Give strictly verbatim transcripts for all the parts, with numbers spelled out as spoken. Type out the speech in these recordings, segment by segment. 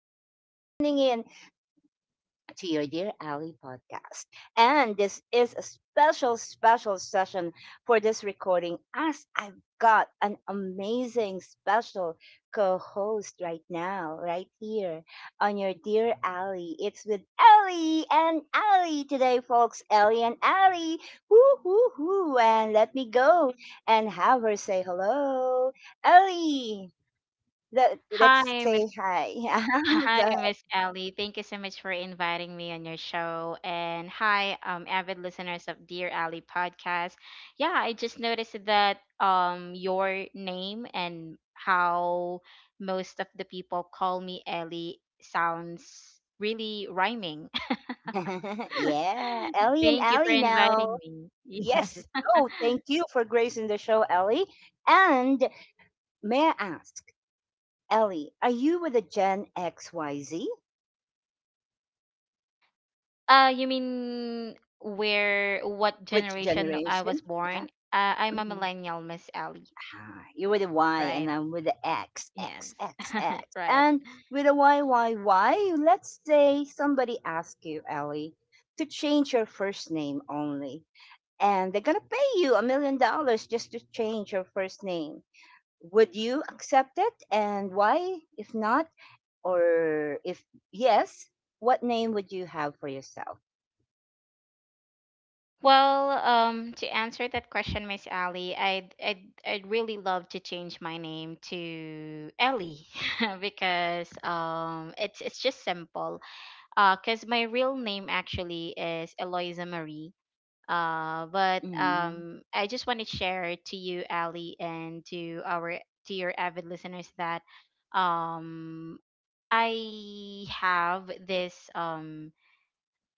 again for tuning in to your Dear Ali podcast. And this is a special, special session for this recording as I've got an amazing, special co host right now, right here on your Dear Ali. It's with Ellie and Ali today, folks. Ellie and Ali. Woo, woo, woo. And let me go and have her say hello. Ellie. Let, let's Hi, Miss. say hi. Hi, Go. Miss Ellie. Thank you so much for inviting me on your show. And hi, um, avid listeners of Dear Ellie podcast. Yeah, I just noticed that um, your name and how most of the people call me Ellie sounds really rhyming. Yeah, Ellie and Thank you for Allie now. inviting me. Yes. Yes. Oh, thank you for gracing the show, Ellie. And may I ask, Ellie, are you with the Gen X Y Z? Uh, you mean where, what Which generation I was generation? born? Yeah. Uh, I'm a Hmm. millennial, Miss Ellie. Ah, you're with the Y, and Right. I'm with the X, X, Yes, X, X. right. And with the Y, Y, Y, let's say somebody asks you, Ellie, to change your first name only. And they're going to pay you a million dollars just to change your first name. Would you accept it, and why? If not, or if yes, what name would you have for yourself? Well, um, to answer that question, Miss Ali, I'd, I'd I'd really love to change my name to Ellie because um, it's it's just simple. Uh, cause my real name actually is Eloisa Marie. Uh, but Mm-hmm. um, I just want to share to you, Ali, and to our to your avid listeners that um, I have this um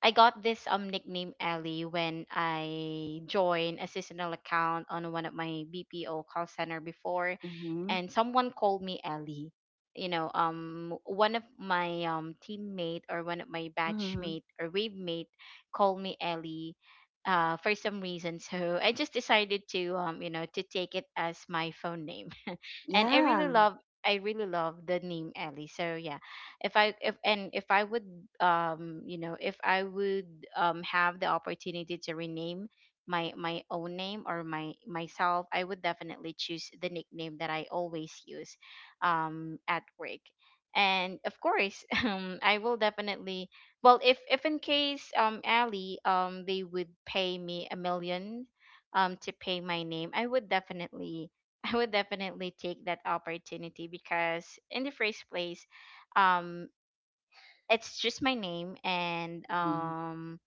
I got this um nickname Ellie when I joined a seasonal account on one of my B P O call center before, Mm-hmm. and someone called me Ellie. You know, um, one of my um teammate or one of my Mm-hmm. batchmate or wave mate called me Ellie, uh, for some reason. So I just decided to um, you know, to take it as my phone name. And I Yeah. really love I really love the name Ellie. So yeah, if i if and if I would um you know if I would um have the opportunity to rename my my own name or my myself. I would definitely choose the nickname that I always use um at work. And of course, um I will definitely— well, if if in case, um Ali, um they would pay me a million, um to pay my name, I would definitely— I would definitely take that opportunity, because in the first place, um it's just my name. And Mm-hmm. um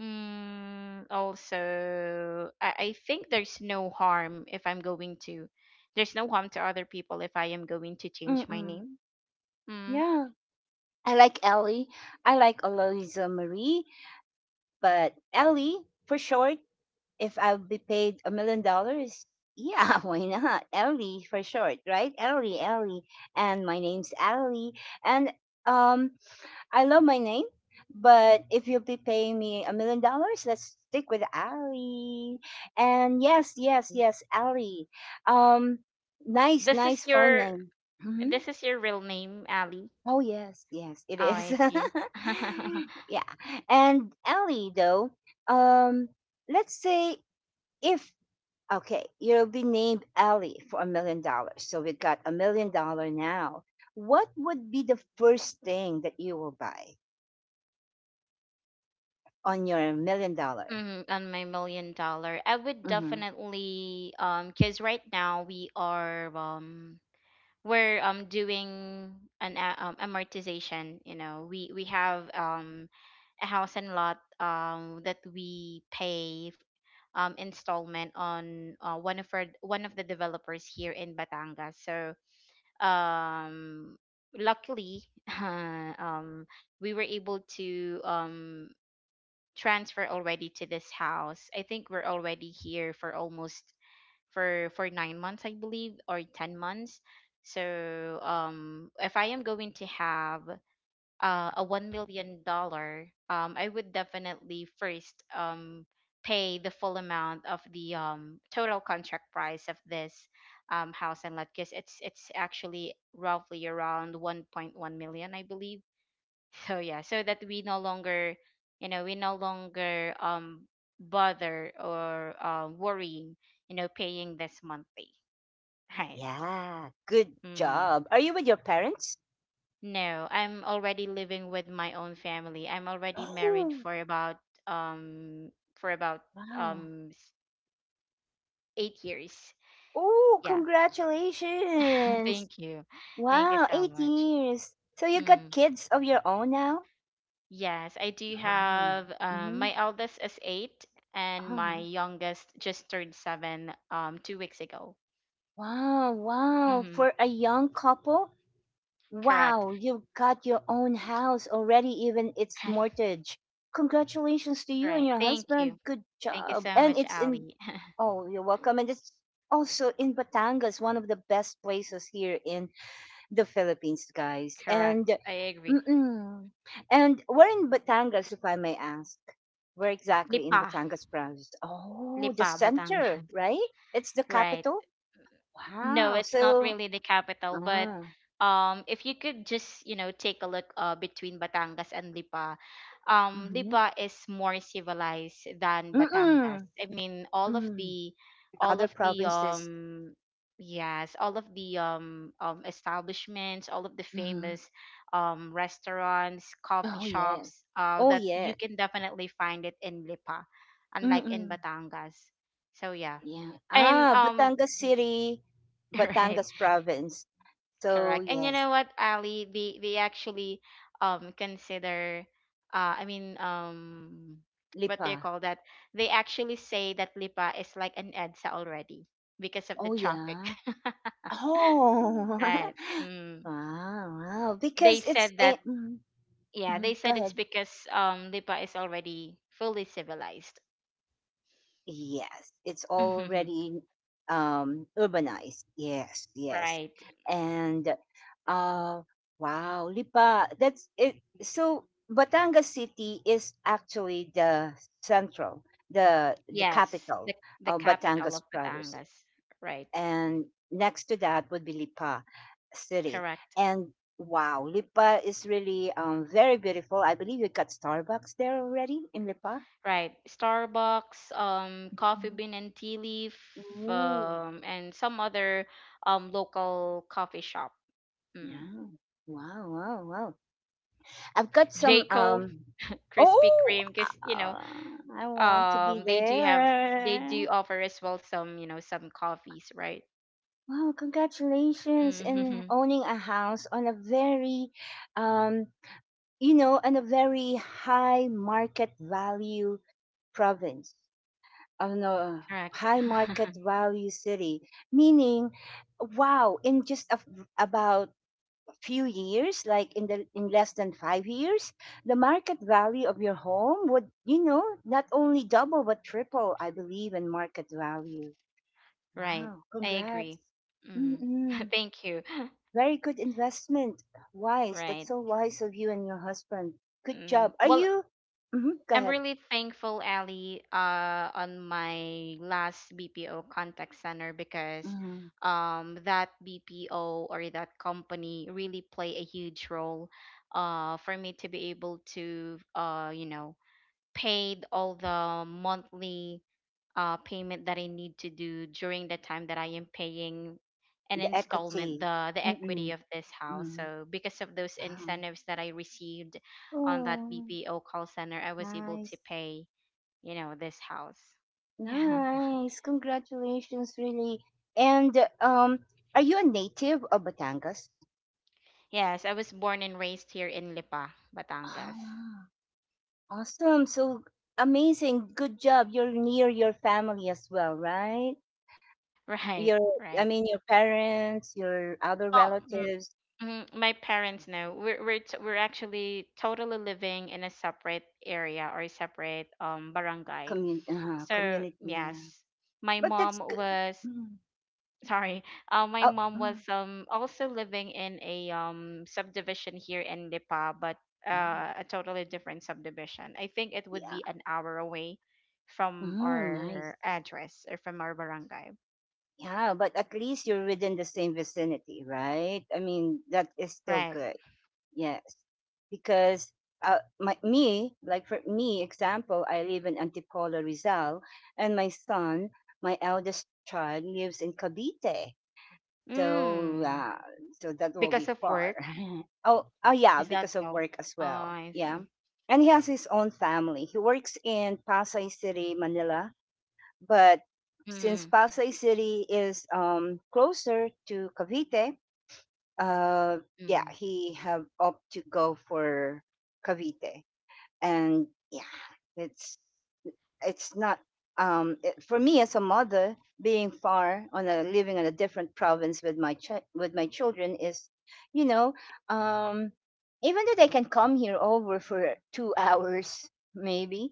mm, also, I, I think there's no harm if I'm going to there's no harm to other people if I am going to change my Mm-mm. name. Mm, Yeah. I like Ellie. I like Aloysia Marie, but Ellie for short. If I'll be paid a million dollars, yeah, why not? Ellie for short, right? Ellie, Ellie, and my name's Ellie, and um, I love my name, but if you'll be paying me a million dollars, let's stick with Ali. And yes, I yes, see. yes, Ali. Um, Nice, This is nice phone your name. this hmm is your real name, Ali? Oh yes, yes, it Oh, is. I see. Yeah, and Ali though. Um, let's say, if okay, you'll be named Ali for a million dollars. So we got a million dollar now. What would be the first thing that you will buy on your million dollar? Mm, on my million dollar, I would Mhm. definitely, um, cause right now we are um we're um doing an a- um, amortization. You know, we we have um a house and lot um that we pay um installment on, uh, one of our one of the developers here in Batangas. So um luckily, um we were able to um transfer already to this house. I think we're already here for almost, for for nine months, I believe, or ten months. So um, if I am going to have, uh, a one million dollar, um, I would definitely first um pay the full amount of the um total contract price of this um house and lot, because it's it's actually roughly around one point one million, I believe. So yeah, so that we no longer you know we no longer um bother or, uh, worrying, you know paying this monthly. Right. Yeah, good Mm-hmm. job. Are you with your parents? No, I'm already living with my own family. I'm already married Oh. for about, um for about Wow. um s- eight years. Oh, Yeah. congratulations. thank you Thank you Wow, so eight much. years. So you got Mm. kids of your own now? Yes, I do Wow. have, um, Hmm. my eldest is eight, and my Oh, youngest just turned seven um two weeks ago. wow, wow. Mm-hmm. For a young couple. Correct. Wow, you've got your own house already, even its mortgage. Congratulations to you and Right. your Thank husband. you. Good Thank you job. so And much, it's in, Ali. oh, you're welcome. And it's also in Batangas, one of the best places here in the Philippines, guys. And, Correct. I agree. mm-mm, and where in Batangas, if I may ask? Where exactly in Lipa. Batangas province? Oh, the Lipa, center, Batangas. right? It's the Right. capital. No, Wow. it's not So, really the capital, but ah, um, if you could just, you know, take a look, uh, between Batangas and Lipa, um, mm-hmm. Lipa is more civilized than Batangas. I mean, all of Mm. the, all Other of the, provinces. um, yes, all of the um, um, establishments, all of the Mhm. famous, um, restaurants, coffee Oh, yes. shops, uh, Oh, that you yeah. can definitely find it in Lipa, unlike in Mm-mm. Batangas. So yeah. Yeah. And Ah, um, Batangas City, right. Batangas province. So, Correct. And you yes. know what, Ali, they they actually um consider, uh I mean, um what Lipa. do you call that? They actually say that Lipa is like an EDSA already because of Oh, the traffic. yeah. Oh. Right. Mm. Wow. Wow. They Because it's said a, that mm-hmm. Yeah, Mm-hmm. they Go said it's ahead. because um Lipa is already fully civilized. Yes, it's already um urbanized. Yes, yes. Right. And uh wow, Lipa, that's it. So Batangas City is actually the central, the the Yes, capital the the of capital Batangas of province. Batangas. Right. And next to that would be Lipa City. Correct. And wow, Lipa is really um very beautiful. I believe you got Starbucks there already in Lipa. Right. Starbucks, um, Coffee Mhm. Bean and Tea Leaf, Ooh. um, and some other um local coffee shop. Mm. Yeah. Wow, wow, wow. I've got some, Jayco, um Krispy oh, Kreme, because, you know, uh, I want to be um, they do have they there. do offer as well some, you know some coffees, right? Wow, congratulations in Mm-hmm. owning a house on a very, um you know, on a very high market value province. On a Correct. high market value city, meaning wow, in just a, about few years, like in the in less than five years, the market value of your home would, you know, not only double but triple, I believe, in market value. Right. Wow, I congrats. agree. Mm. Mm-mm. Thank you. Very good investment. Wise. That's Right. so wise of you and your husband. Good Mm. job. Are Well, you? Mm-hmm. Go I'm ahead. really thankful, Ali, uh, on my last B P O contact center, because Mm-hmm. um, that B P O or that company really play a huge role, uh, for me to be able to, uh, you know, paid all the monthly, uh, payment that I need to do during the time that I am paying an The installment, equity. the the equity Mm-mm. of this house. Mm. So because of those Wow. incentives that I received on that Oh, B P O call center, I was able to nice. pay, you know, this house. Yeah. Nice. Congratulations, really. And um, are you a native of Batangas? Yes, I was born and raised here in Lipa, Batangas. Ah, awesome. So amazing. Good job. You're near your family as well, right? Right, Your, I right. mean, your parents, your other Oh, mm, relatives, mm, my parents know. We're we're t- we're actually totally living in a separate area or a separate um barangay. commun uh, So community. Yeah. yes, my But mom that's good. was— Mm. sorry. Uh, my Oh, mom was mm. um also living in a um subdivision here in Lipa, but, Oh, uh, a totally different subdivision. I think it would yeah. be an hour away from Mm, nice. our address or from our barangay. Yeah, but at least you're within the same vicinity, right? I mean, that is still Right. good. Yes, because uh, my me like for me example, I live in Antipolo, Rizal, and my son, my eldest child, lives in Cavite. So Mm. uh, so that will Because be of work? far. Oh oh yeah, Is that because of so? work as Ah, well. I see. Yeah, and he has his own family. He works in Pasay City, Manila, but since Mm-hmm. Pasay City is, um, closer to Cavite, uh yeah, Mm. he have opt to go for Cavite. And yeah, it's it's not, um it, for me as a mother, being far on, a living in a different province with my ch- with my children is, you know, um even though they can come here over for two hours maybe,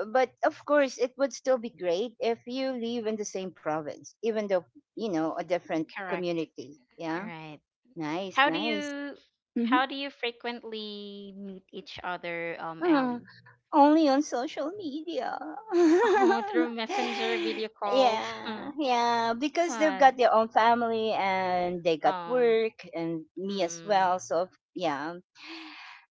uh, but of course it would still be great if you live in the same province, even though, you know, a different Correct. community. Yeah. Right. Nice, How do nice. you Mhm. how do you frequently meet each other, um, Uh, Ally? Only on social media. Oh, through messenger video calls. Yeah, yeah. Because they've Sad. got their own family and they got Um, work and me as mm, well. So yeah.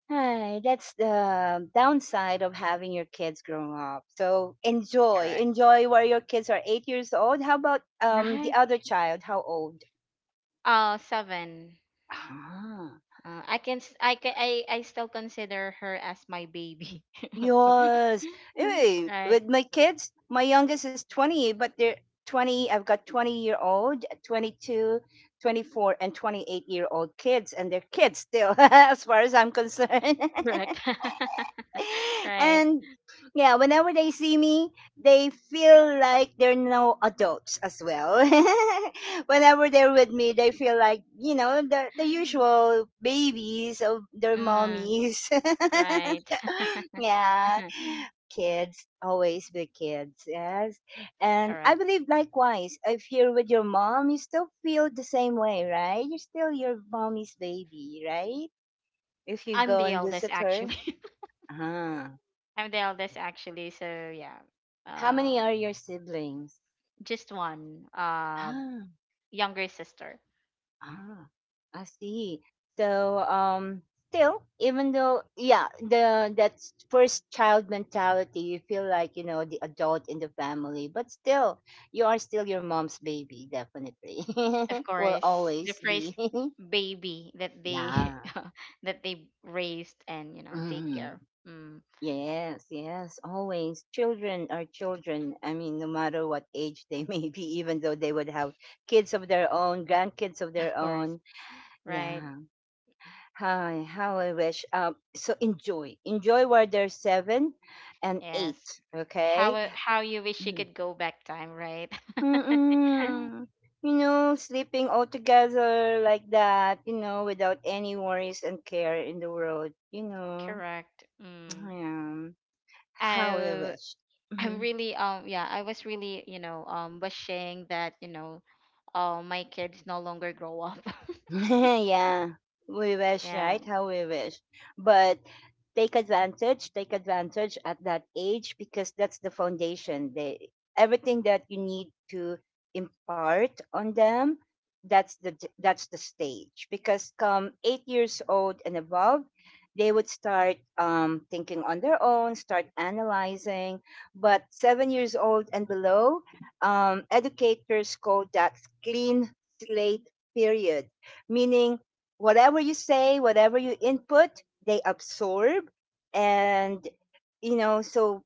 Hi, that's the downside of having your kids grow up. So enjoy, Correct. enjoy where your kids are eight years old. How about um the Right. other child? How old? Uh, seven. Ah. Uh, I can s- I can I, I still consider her as my baby. Yes. Anyway, Right. with my kids, my youngest is twenty, but they're twenty. I've got twenty year old, twenty-two, twenty-four, and twenty-eight year old kids, and they're kids still, as far as I'm concerned. Correct. Right. And yeah, whenever they see me, they feel like they're no adults as well. Whenever they're with me, they feel like, you know, the, the usual babies of their Mm, mommies. right. Yeah. Kids, always be kids, yes. And I Correct. believe likewise, if you're with your mom, you still feel the same way, right? You're still your mommy's baby, right? If you I'm go the and eldest visit her. actually. Uh-huh. I'm the eldest actually, so yeah. How Uh, many are your siblings? just one, uh, Ah, younger sister. ah, I see. So, um, still, even though, yeah, the that first child mentality, you feel like you know the adult in the family, but still, you are still your mom's baby, definitely. Of Will course, the always first be. baby that they Yeah. that they raised and, you know take Mm. care. Mm. Yes, yes, always. Children are children. I mean, no matter what age they may be, even though they would have kids of their own, grandkids of Of their course, own. right? Yeah. Hi. How I wish. Um, so enjoy. Enjoy while there's seven and Yes. eight. How Okay. A- how you wish you Mm. could go back time, right? Mm-mm. You know, sleeping all together like that, you know, without any worries and care in the world, you know. Correct. Mm. Yeah. How I I wish. I'm Mm-hmm. really— um yeah, I was really, you know, um wishing that, you know, uh, my kids no longer grow up. Yeah, we wish, Yeah. right? How we wish. But take advantage, take advantage at that age because that's the foundation. They Everything that you need to impart on them, that's the j- that's the stage. Because come eight years old and above, they would start, um, thinking on their own, start analyzing. But seven years old and below, um, educators call that clean slate period, meaning whatever you say, whatever you input, they absorb. And, you know, so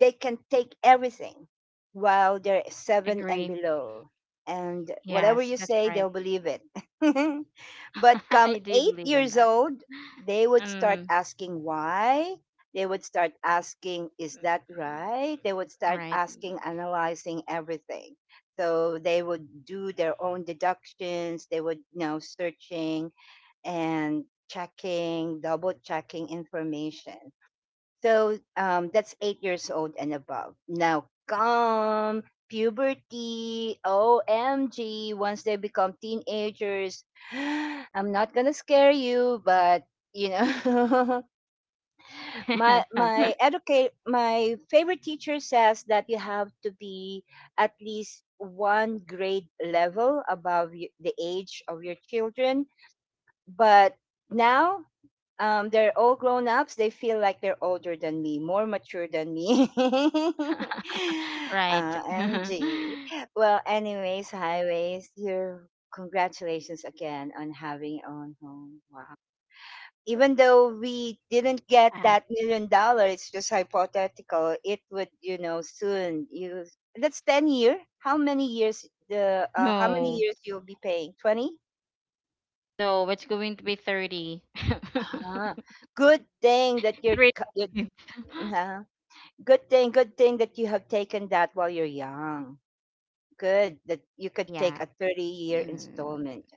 they can take everything while they're seven and Agree. below. And whatever you Yes, that's say, they'll right. believe it. But I come do eight believe in years that. old, they would start Um, asking why. They would start asking, is that right? They would start right. asking, analyzing everything. So they would do their own deductions. They would, you know, searching and checking, double checking information. So um, that's eight years old and above. Now come puberty. O M G. Once they become teenagers, I'm not gonna scare you, but you know, my my educate my favorite teacher says that you have to be at least one grade level above y- the age of your children. But now um, they're all grown ups. They feel like they're older than me, more mature than me. Uh, right. M G. Yeah. Well, anyways, highways. Your congratulations again on having your own home. Wow. Even though we didn't get that million dollar, it's just hypothetical. It would, you know, soon you. That's ten year. How many years? The uh, How many No, years you'll be paying? Twenty. no, it's going to be thirty. Ah. good thing that you're. Three. c- you're Good thing, good thing that you have taken that while you're young. Good that you could take Yeah. a thirty year Mm. installment.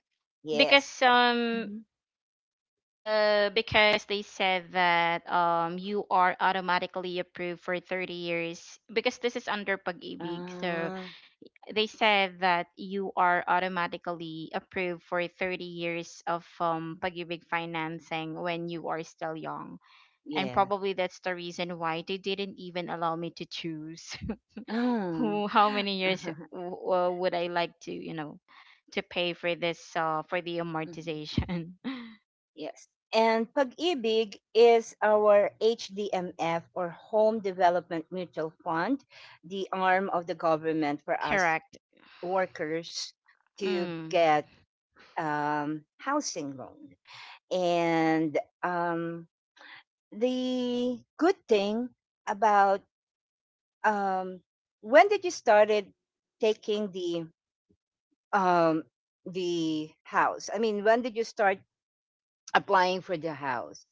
Yes. Because um Mhm. uh because they said that um you are automatically approved for thirty years because this is under pag-ibig. So Ah, they said that you are automatically approved for thirty years of, um, pag-ibig financing when you are still young. And yes. probably that's the reason why they didn't even allow me to choose. Ah. Who, how many years, w- uh, would I like to, you know, to pay for this, uh, for the Mhm. amortization. Yes. And Pag-ibig is our H D M F or Home Development Mutual Fund, the arm of the government for us Correct. workers to Mm. get um, housing loan. And um, the good thing about, um when did you started taking the um the house, I mean, when did you start applying for the house?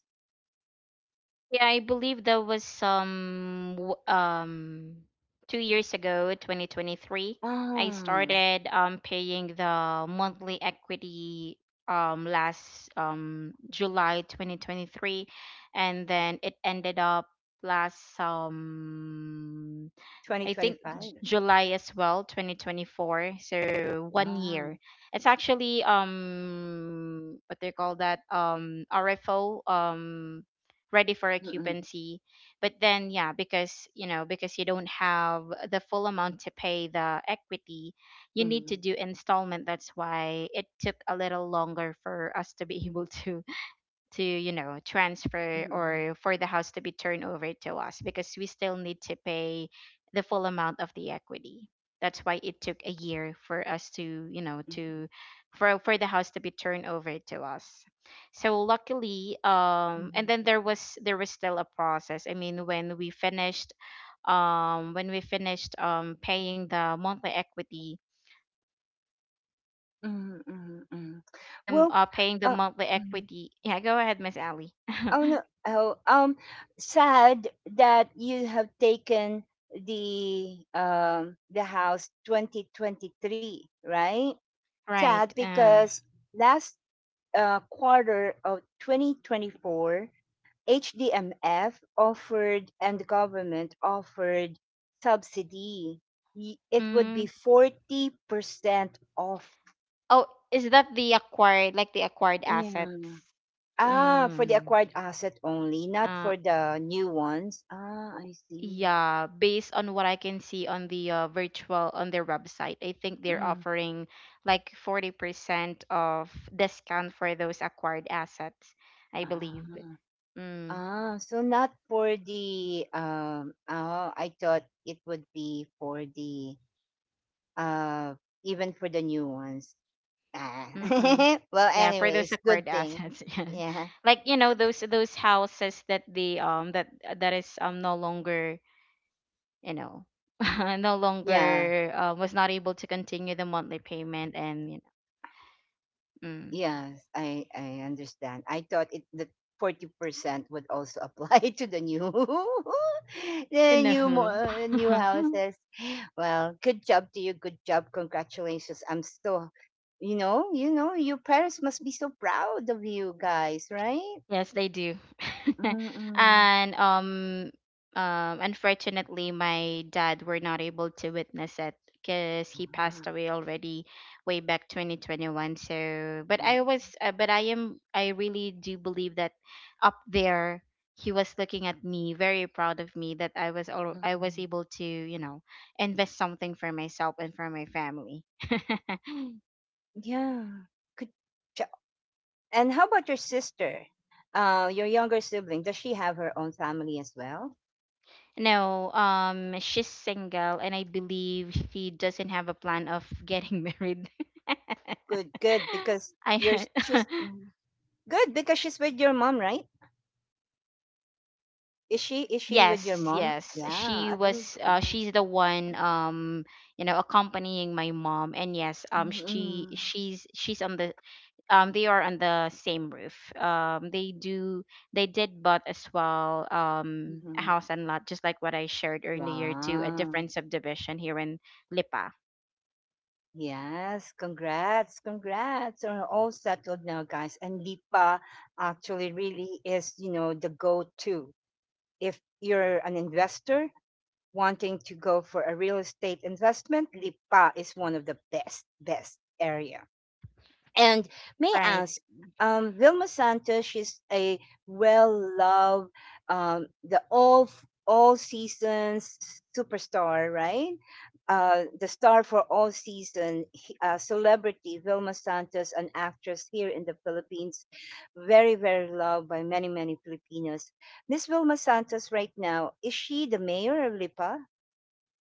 Yeah, I believe that was some, w- um two years ago, twenty twenty-three. I ah started um paying the monthly equity, um last, um July twenty twenty-three, and then it ended up last, um I think, J- twenty twenty-five? July as well, twenty twenty-four. So one ah year. It's actually, um what they call that, um R F O, um ready for mm-mm, occupancy. But then yeah, because, you know because you don't have the full amount to pay the equity, you need to mm-mm, do installment. That's why it took a little longer for us to be— able to to you know transfer, mm-mm, or for the house to be turned over to us, because we still need to pay the full amount of the equity. That's why it took a year for us to, you know mm-mm, to for for the house to be turned over to us. So luckily, um and mm-mm, then there was there was still a process. I mean, when we finished um when we finished um paying the monthly equity, mm-mm, when we mm-mm. finished the m- well uh, paying the uh, monthly mhm. equity. Yeah, go ahead, Miss Ali. Oh no. Oh, um, sad that you have taken the um the house twenty twenty-three, right? Sad Right. uh. because last, uh, quarter of twenty twenty-four, H D M F offered and the government offered subsidy. Y- It would be Mm. forty percent off. Oh, is that the acquired, like the acquired Yeah. assets? Ah, for the Mm. acquired asset only, not Uh, for the new ones. Ah, I see. yeah, based on what I can see on, the uh, virtual on their website, I think they're Mm. offering like forty percent of discount for those acquired assets, I Ah, believe. Mm. ah, so not for the um. Oh, I thought it would be for the, uh, even for the new ones. Ah. Mm-mm. Well, Yeah, for those anyways, acquired good thing. assets, yes. Yeah, Like, you know, those those houses that the, um that that is, um no longer, you know no yeah. longer, uh, was not able to continue the monthly payment, and, you know mm, Yes, I I understand. I thought it the forty percent would also apply to the new you the new mo- know. uh, new houses. Well, good job to you. Good job. Congratulations. I'm so, you know, you know, your parents must be so proud of you guys, right? Yes, they do. Mm-mm. And um um unfortunately, my dad were not able to witness it because he passed away already way back twenty twenty-one. So, but I was uh, but I am— I really do believe that up there he was looking at me, very proud of me, that I was all I was Mm-mm. able to, you know, invest something for myself and for my family. Yeah. Good job. And how about your sister? Uh, your younger sibling. Does she have her own family as well? No, um, she's single, and I believe she doesn't have a plan of getting married. Good, good. Because you're I she's mm. Good because she's with your mom, right? Is she is she with your yes, mom? yes, Yeah, she at least. was. Uh, mm, She's the one. Um, you know, accompanying my mom, and yes, um, she mm-hmm. she's she's on the um they are on the same roof. Um, they do they did bought as well um a Mm-hmm. house and lot, just like what I shared earlier, to a Wow. different subdivision here in Lipa. Yes, congrats, congrats. We're all settled now, guys. And Lipa actually really is, you know, the go-to. If you're an investor wanting to go for a real estate investment, Lipa is one of the best, best area. And may I Right. ask, um, Vilma Santos, she's a well-loved, um, the all all seasons superstar, right? Uh, the star for all season he- uh, celebrity Vilma Santos, an actress here in the Philippines, very very loved by many many Filipinos. Miss Vilma Santos, right now, is she the mayor of Lipa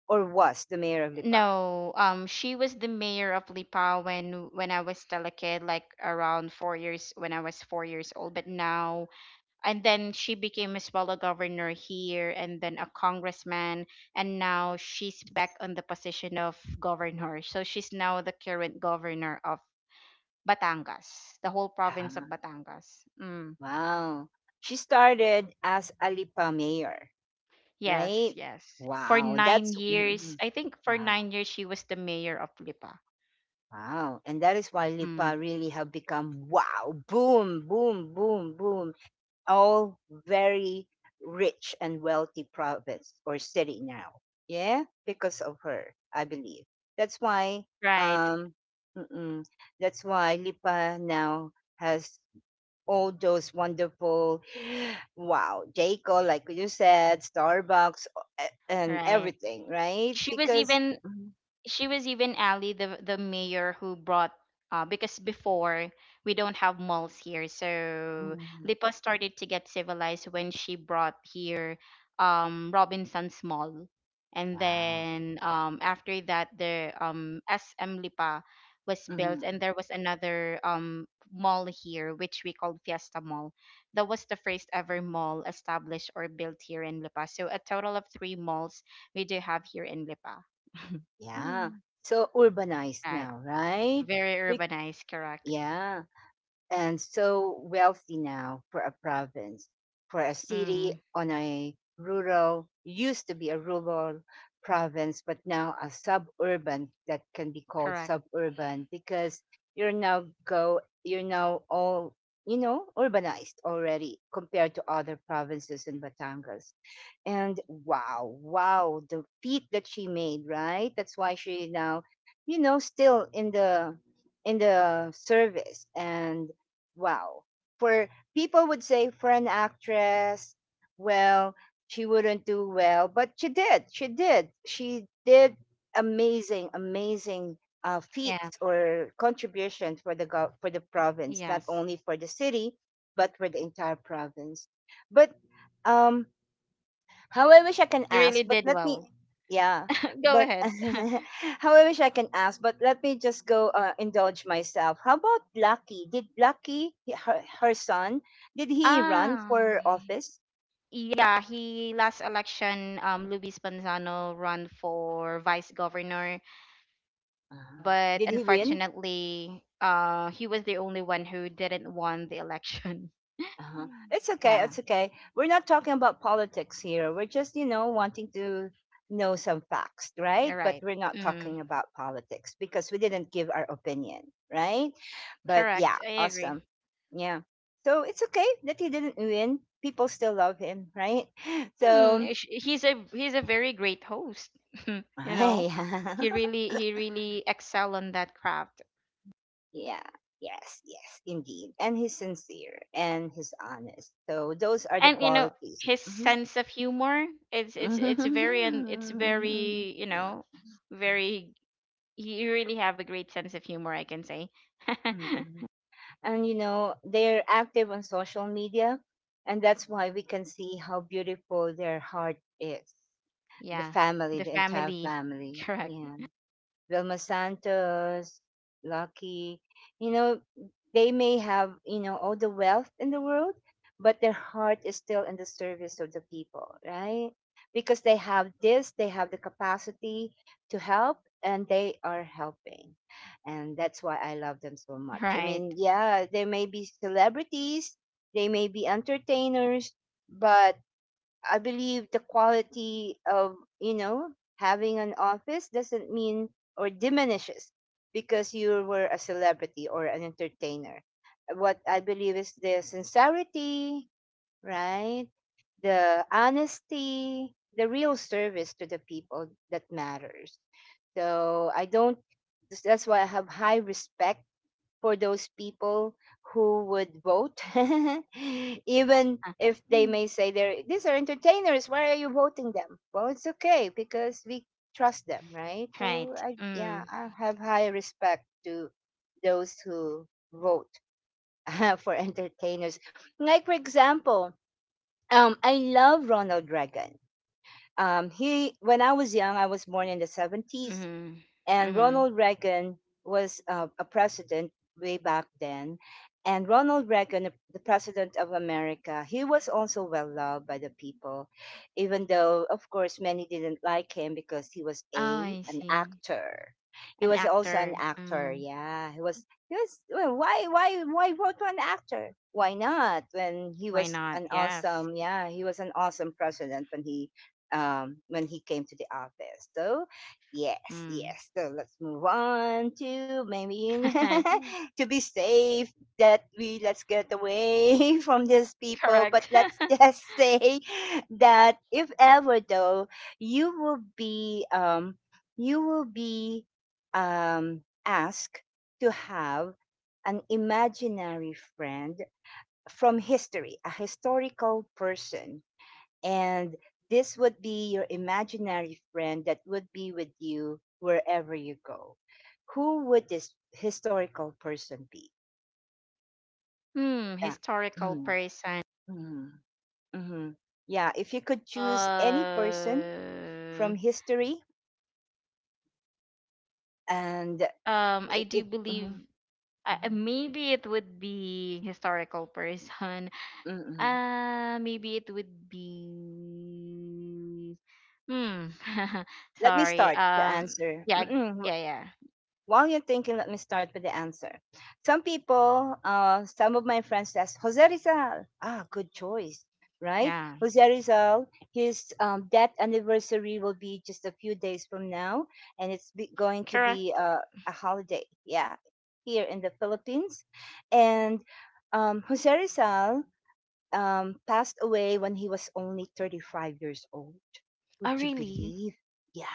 or was the mayor of Lipa? No, um, she was the mayor of Lipa when when I was still a kid, like around four years when I was four years old. But now, and then she became as well a governor here, and then a congressman, and now she's back on the position of governor. So she's now the current governor of Batangas, the whole province of Ah, Batangas. Mm. wow, she started as a Lipa mayor, Yes, right? yes. For Wow, nine that's years, mm, I think for wow, nine years she was the mayor of Lipa. wow, and that is why Lipa Mm. really have become wow, boom, boom, boom, boom, all very rich and wealthy province or city now. Yeah, because of her, I believe. That's why Right, um, mm-mm, that's why Lipa now has all those wonderful, wow, Jayco, like you said, Starbucks, uh, and right. everything, right? she was Because, even mhm, she was even Ali the the mayor who brought uh because before we don't have malls here, so mhm, Lipa started to get civilized when she brought here um Robinson's Mall, and wow, then um after that the um S M Lipa was built, mhm, and there was another um mall here which we called Fiesta Mall. That was the first ever mall established or built here in Lipa, so a total of three malls we do have here in Lipa. yeah, Mm. so urbanized Right. now, right? Very Be- urbanized, correct. yeah. And so wealthy now for a province, for a city Mm, on a rural, used to be a rural province, but now a suburban that can be called correct. suburban because you're now go, you're now all, you know, urbanized already compared to other provinces in Batangas. And wow, wow, the feat that she made, right? That's why she now, you know, still in the in the service. And wow. For people would say for an actress, well, she wouldn't do well, but she did. She did. She did amazing, amazing uh, feats Yeah. or contributions for the gov- for the province, not Yes. only for the city, but for the entire province. But um, how I wish I can You really ask, but did let well. me, yeah, Go but ahead. how I wish I can ask, but let me just go uh, indulge myself. How about Lucky? Did Lucky, he- her, her son, did he run Ah, for office? yeah, he last election, um, Luis Panzano run for vice governor, uh, Uh, but did he win? unfortunately, uh, he was the only one who didn't won the election. Uh-huh. Mm. It's okay. Yeah, It's okay. We're not talking about politics here. We're just, you know, wanting to know some facts, right? you're But right. we're not Mm, talking about politics because we didn't give our opinion, right? But yeah, correct. I agree. awesome. Yeah. So it's okay that he didn't win. People still love him, right? So, Mm, eh, sh- he's a he's a very great host. You know, yeah, he really he really excel on that craft, yeah. Yes, yes, indeed. And he's sincere and he's honest. So those are the and you know qualities. his sense of humor. It's it's it's very, Hmm. and it's very, you know, very he really have a great sense of humor, I can say. Mm-mm. And you know, they're active on social media, and that's why we can see how beautiful their heart is. The Yeah, family, the the entire family, family. correct, Yeah. Vilma Santos, Lucky, you know, they may have, you know, all the wealth in the world, but their heart is still in the service of the people, right? Because they have this, they have the capacity to help, and they are helping. And that's why I love them so much. I right. mean, yeah, they may be celebrities, they may be entertainers, but I believe the quality of, you know, having an office doesn't mean or diminishes because you were a celebrity or an entertainer. What I believe is the sincerity, right? The honesty, the real service to the people that matters. So I don't, that's why I have high respect for those people who would vote even if they Mm. may say they're these are entertainers, why are you voting them, well, it's okay because we trust them, right? So Right. I, yeah, Mm, I have high respect to those who vote for entertainers, like for example, um I love Ronald Reagan. Um he, when I was young, I was born in the seventies, mm, and mm. Ronald Reagan was uh, a president way back then. And Ronald Reagan, the president of America, he was also well loved by the people, even though, of course, many didn't like him because he was Oh, a I an see. actor. He An was also an actor. actor. Mm, Yeah, he was. He was. Well, why? Why? Why vote for an actor? Why not? When he why was not? an Yes. awesome. Yeah, he was an awesome president when he um, when he came to the office. So yes, Mm. yes. So let's move on to maybe to be safe that we let's get away from these people. But Correct. let's just say that if ever though you will be um you will be um asked to have an imaginary friend from history, a historical person, and this would be your imaginary friend that would be with you wherever you go. Who would this historical person be? Hmm, Uh, historical mhm, person. mhm. Yeah, if you could choose any person Uh, from history and um, I it, do it believe mhm, uh, uh, mhm, maybe it would be historical person. mm, mm. Uh, maybe it would be. Hmm. Let me Sorry. start to Um. answer. Yeah. Mm-mm. Yeah. Yeah. While you're thinking, let me start with the answer. Some people, uh, some of my friends says, Jose Rizal. Ah, good choice, right? Yeah. Jose Rizal, his um, death anniversary will be just a few days from now, and it's be- going to be Correct. uh, a holiday, yeah, here in the Philippines. And um, Jose Rizal um, passed away when he was only thirty-five years old. Oh, Would you really? believe?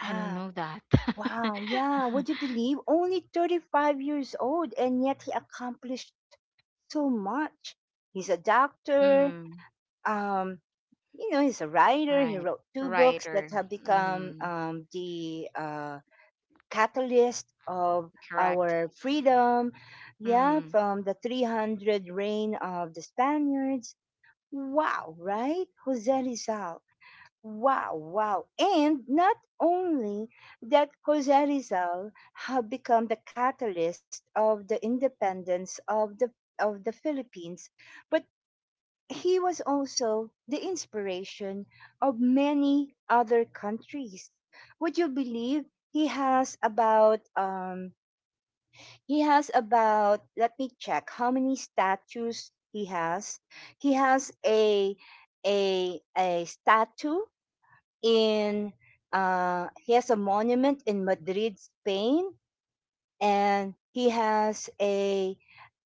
I don't know that. Wow, yeah, would you believe? Only thirty-five years old, and yet he accomplished so much. He's a doctor, Hmm. um, you know, he's a writer. He Right. wrote two books that Writer. have become Mm-hmm. um, the uh, catalyst of Correct. our freedom, yeah, Mm. from the three hundred reign of the Spaniards. Wow, right? Jose Rizal. Wow, wow. And not only that Jose Rizal have become the catalyst of the independence of the of the Philippines, but he was also the inspiration of many other countries. Would you believe he has about um he has about, let me check how many statues he has. He has a a a statue in uh, he has a monument in Madrid, Spain, and he has a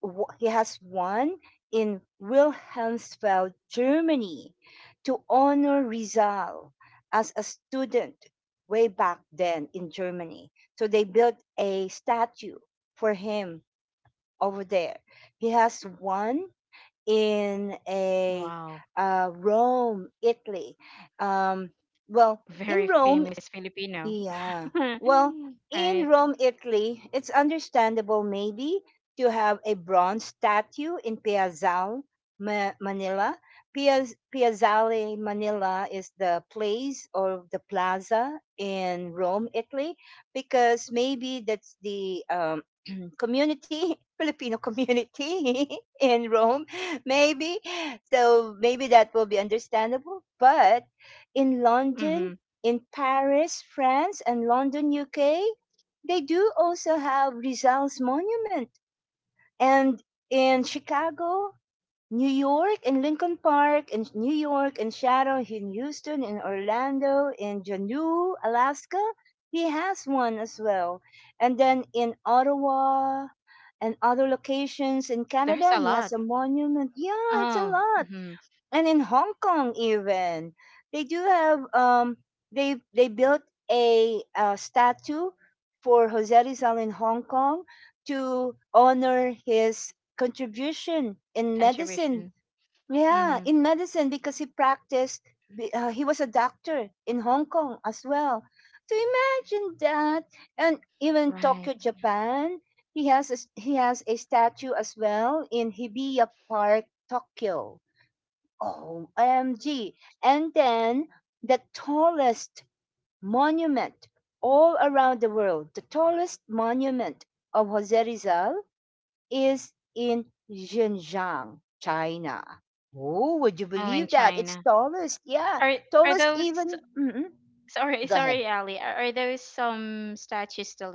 w- he has one in Wilhelmsfeld, Germany, to honor Rizal as a student way back then in Germany. So they built a statue for him over there. He has one in a Wow. uh, Rome, Italy. Um, well, in Very Rome, famous Filipino. yeah. Well, Right. in Rome, Italy, it's understandable maybe to have a bronze statue in Piazzale, Ma- Manila. Piaz- Piazzale, Manila is the place or the plaza in Rome, Italy, because maybe that's the um, community, Filipino community in Rome, maybe. So maybe that will be understandable. But in Mm-hmm. London, in Paris, France, and London, U K, they do also have Rizal's monument. And in Chicago, New York, in Lincoln Park, in New York, in Shadow, in Houston, in Orlando, in Juneau, Alaska, he has one as well. And then in Ottawa and other locations in There's Canada, a he has lot. a monument. Yeah, it's a Oh, lot. mm-hmm. And in Hong Kong even, they do have um they they built a, uh statue for Jose Rizal in Hong Kong to honor his contribution in medicine. Contribution. Yeah, Mm-hmm. in medicine because he practiced. Be- Uh, he was a doctor in Hong Kong as well. So imagine that, and even Tokyo, Right. Japan, he has a, s- he has a statue as well in Hibiya Park, Tokyo. Oh, O M G. And then the tallest monument all around the world, the tallest monument of Jose Rizal is in Xinjiang, China. Oh, would you Oh, believe in that? It's China. tallest. Yeah, Are are tallest those even. Mhm. sorry, Go ahead. sorry, Ali. Are, are those some statues still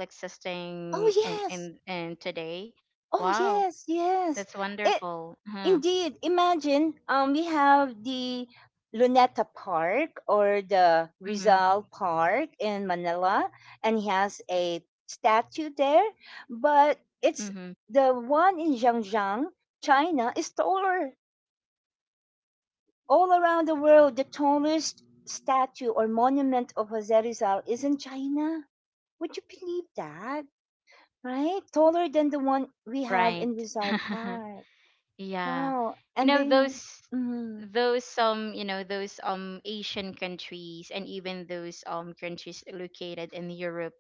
Oh, existing in yes. in in today? Oh, Wow, yes, yes. that's It, wonderful. Huh. indeed, imagine um, we have the Luneta Park or the Mm-hmm. Rizal Park in Manila, and he has a statue there. But Mm-hmm. it's the one in Zhangjiang, China, is taller all around the world. The tallest statue or monument of Jose Rizal is in China. Would you believe that? Right? Taller than the one we have Right. in Rizal Park. Yeah. Wow. You And know then. those Mhm. those um you know those um Asian countries, and even those um countries located in Europe,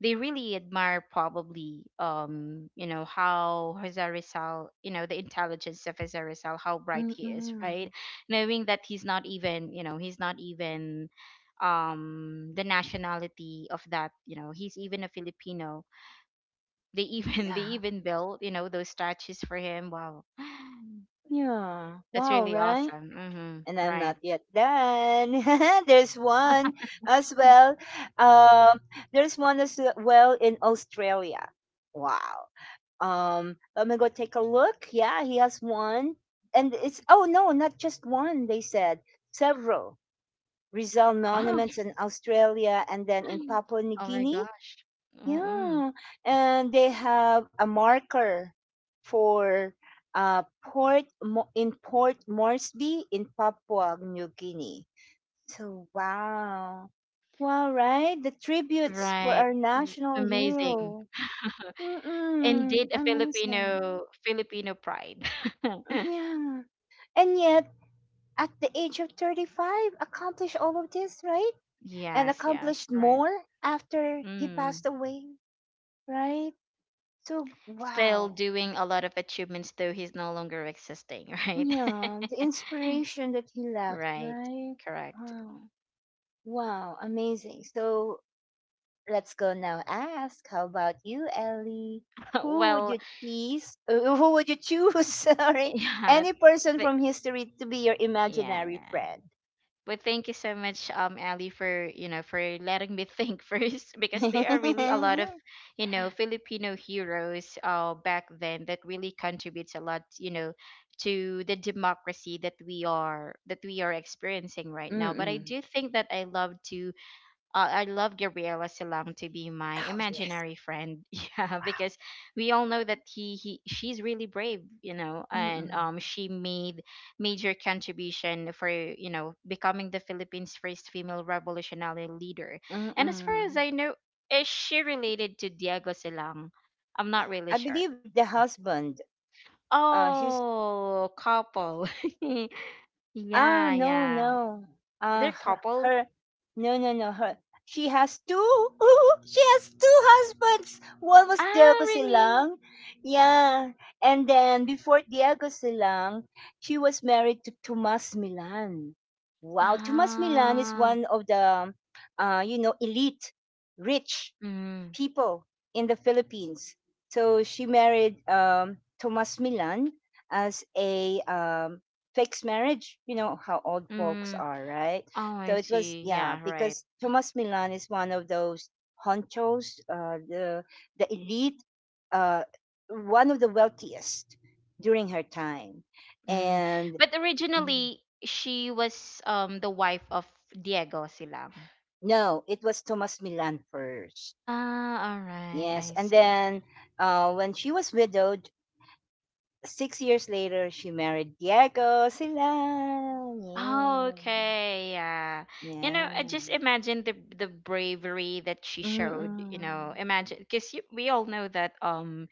they really admire probably um you know how Jose Rizal, you know, the intelligence of Jose Rizal, how bright he is, right, Mm. knowing that he's not even, you know, he's not even um the nationality of that, you know, he's even a Filipino, they even they Yeah. even built, you know, those statues for him. Wow, Yeah. that's Wow, really right? awesome. Mhm. And I'm Right. not yet done. There's one as Mm. well. Um, there's one as well in Australia. Wow. Um, let me go take a look. Yeah, he has one. And it's, oh no, not just one, they said. Several. Rizal Wow. monuments in Australia and then in Papua New Oh my Guinea. gosh. Mm-mm. Yeah, and they have a marker for uh, Port Mo- in Port Moresby in Papua New Guinea. So wow, wow, right? The tributes for Right. our Mm, national amazing. hero. Mm-mm, Indeed, a amazing. Filipino Filipino pride. Yeah, and yet at the age of thirty-five, accomplished all of this, right? And Yes, yes, accomplished right. more after he Mm. passed away, right? So Still wow. doing a lot of achievements though he's no longer existing, right? Yeah, the inspiration that he left, Right. right? Correct. Wow. Wow, amazing. So let's go now. Ask, how about you, Ellie? Who would Well, you choose? Uh, who would you choose? Sorry, yeah. any person th- from history to be your Yeah, imaginary yeah. friend. But thank you so much, um, Ali, for you know for letting me think first because there are really a lot of, Mm-mm. you know, Filipino heroes uh back then that really contributes a lot, you know, to the democracy that we are that we are experiencing right now. But I do think that I love to uh, I love Gabriela Silang to be my Oh yes. imaginary friend. Yeah, Wow. because we all know that he, he she's really brave, you know, and um Mm-mm. she made major contribution for, you know, becoming the Philippines' first female revolutionary leader. And as far as Mm-mm. I know, is she related to Diego Silang? I'm not really I sure. believe the husband. Uh, his. Oh, couple. Ah, Yeah, no, yeah. no. Uh, They're her, couple. her, no, no, no. Her, she has two. Ooh, she has two husbands. One was Ah, Diego really? Silang. Yeah. And then before Diego Silang, she was married to Tomas Milan. Wow. Tomas Milan is Ah. one of the, um, uh, you know, elite, rich Mm. people in the Philippines. So she married um, Tomas Milan as a um, fixed marriage. You know how old folks Mm. are, right? Oh, I So it was see. yeah Yeah, right. because Tomas Milan is one of those honchos, uh, the the elite, uh, one of the wealthiest during her time, Mm. and But mm, originally, she was um the wife of Diego Silang. no, it was Tomas Milan first. Ah, all right. Yes, I and see. then uh, when she was widowed, six years later, she married Diego sila. Oh, Yeah. okay. Yeah. You know, Yeah. I just imagine the the bravery that she showed, you know. Mm-mm. Imagine because we all know that um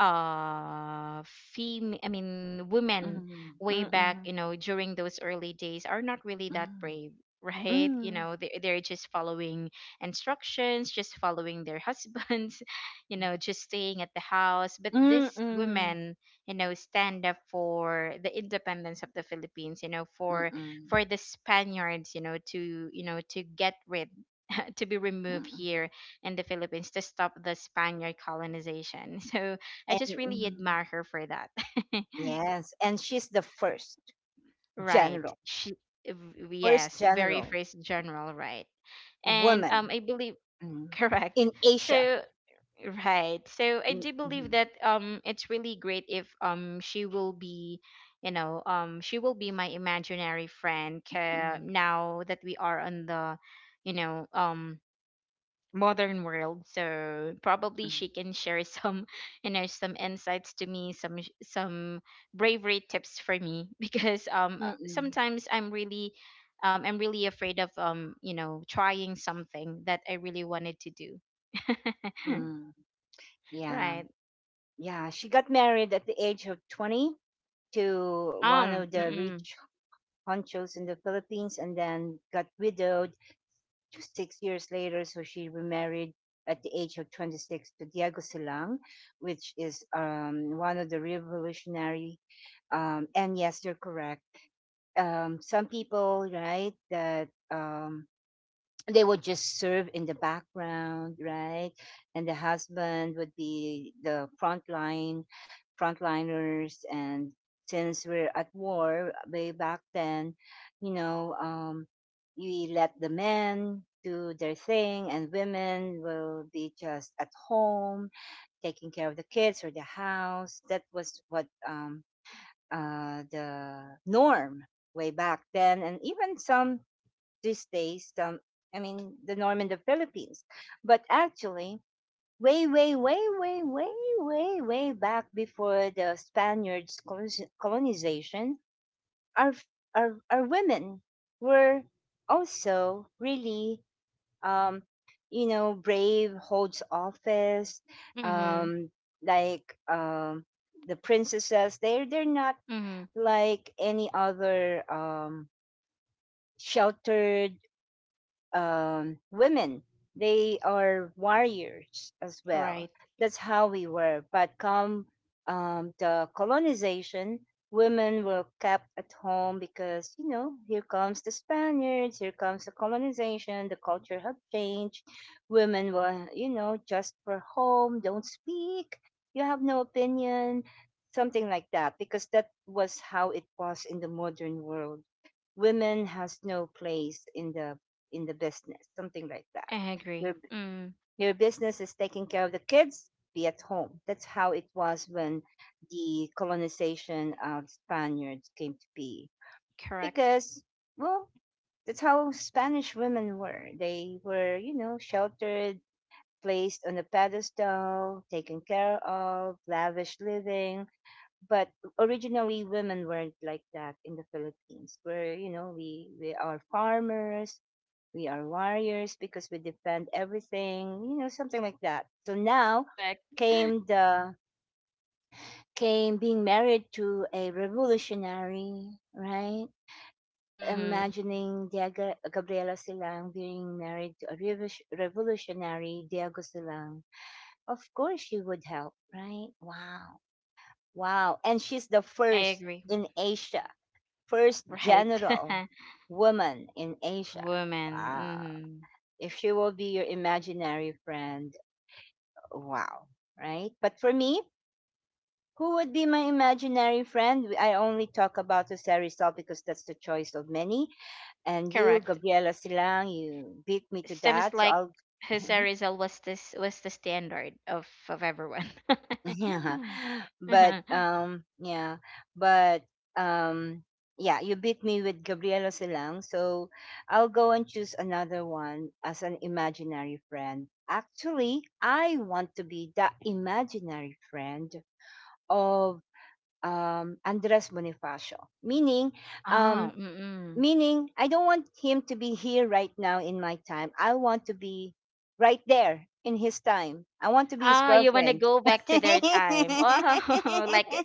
uh fem I mean women Mm-mm. way back, Mm-mm. you know, during those early days are not really that Mm-mm. brave, right, you Mm-mm. know, they, they're just following instructions, just following their husbands, you know, just staying at the house. But these Mm-mm. women, you know, stand up for the independence of the Philippines, you know, for Mm-mm. for the Spaniards, you know, to you know to get rid, to be removed here in the Philippines, to stop the Spaniard colonization. So I And just really mm, admire her for that. yes, and she's the first Right. general, She v- first yes, very general first general, right. And um woman I believe, mm, correct. in Asia. So right. So I do believe Mm-mm. that um it's really great if um she will be, you know, um she will be my imaginary friend 'ca- Mm-mm. now that we are on the, you know, um modern world, so probably Mm-mm. she can share some you know some insights to me, some sh- some bravery tips for me because um uh, Mm-mm. Mm. sometimes I'm really um I'm really afraid of, um you know, trying something that I really wanted to do. mm, mm. Yeah. Right. Yeah, she got married at the age of twenty to one of Um, the mm-mm, rich honchos in the Philippines and then got widowed just six years later. So she remarried at the age of twenty-six to Diego Silang, which is um, one of the revolutionary. Um, and yes, you're correct. Um, some people, right, that um, they would just serve in the background, right? And the husband would be the frontline, frontliners. And since we're at war uh, way back then, you know, um, we let the men do their thing, and women will be just at home taking care of the kids or the house. That was what um, uh, the norm way back then, and even some these days, um, I mean, the norm in the Philippines. But actually, way, way, way, way, way, way, way back before the Spaniards' colonis- colonization, our, our, our women were also really, um, you know, brave, holds office, mm-hmm, um, like um, the princesses. They're, they're not mm-hmm, like any other um, sheltered um, women. They are warriors as well. right, That's how we were. But come um, the colonization, women were kept at home because, you know, here comes the Spaniards, here comes the colonization, the culture had changed. Women were, you know, just for home, don't speak, you have no opinion, something like that, because that was how it was in the modern world, women has no place in the in the business, something like that. I agree. Your Mm, your business is taking care of the kids, be at home. That's how it was when the colonization of Spaniards came to be, correct, because well, that's how Spanish women were. They were, you know, sheltered, placed on a pedestal, taken care of, lavish living. But originally, women weren't like that in the Philippines, where you know we we are farmers, we are warriors because we defend everything, you know, something like that. So now correct, came the came being married to a revolutionary, right? mm-hmm, Imagining Diego Gabriela Silang being married to a revo- revolutionary Diego Silang, of course she would help, right? Wow, wow, and she's the I first agree, in Asia, first right. general woman in Asia. Woman, Wow. mm-hmm. If she will be your imaginary friend, wow. Right? But for me, who would be my imaginary friend? I only talk about Jose Rizal because that's the choice of many. And you, Correct. Gabriela Silang, you beat me to Seems that. So like I'll Jose Rizal was this was the standard of of everyone. Yeah. But Uh-huh. um yeah, but um yeah, you beat me with Gabriela Silang, so I'll go and choose another one as an imaginary friend. Actually, I want to be the imaginary friend of um Andres Bonifacio. Meaning, Oh, um mm-mm. meaning I don't want him to be here right now in my time. I want to be right there in his time. I want to be his Oh, you want to girlfriend. go back to their time. Oh, like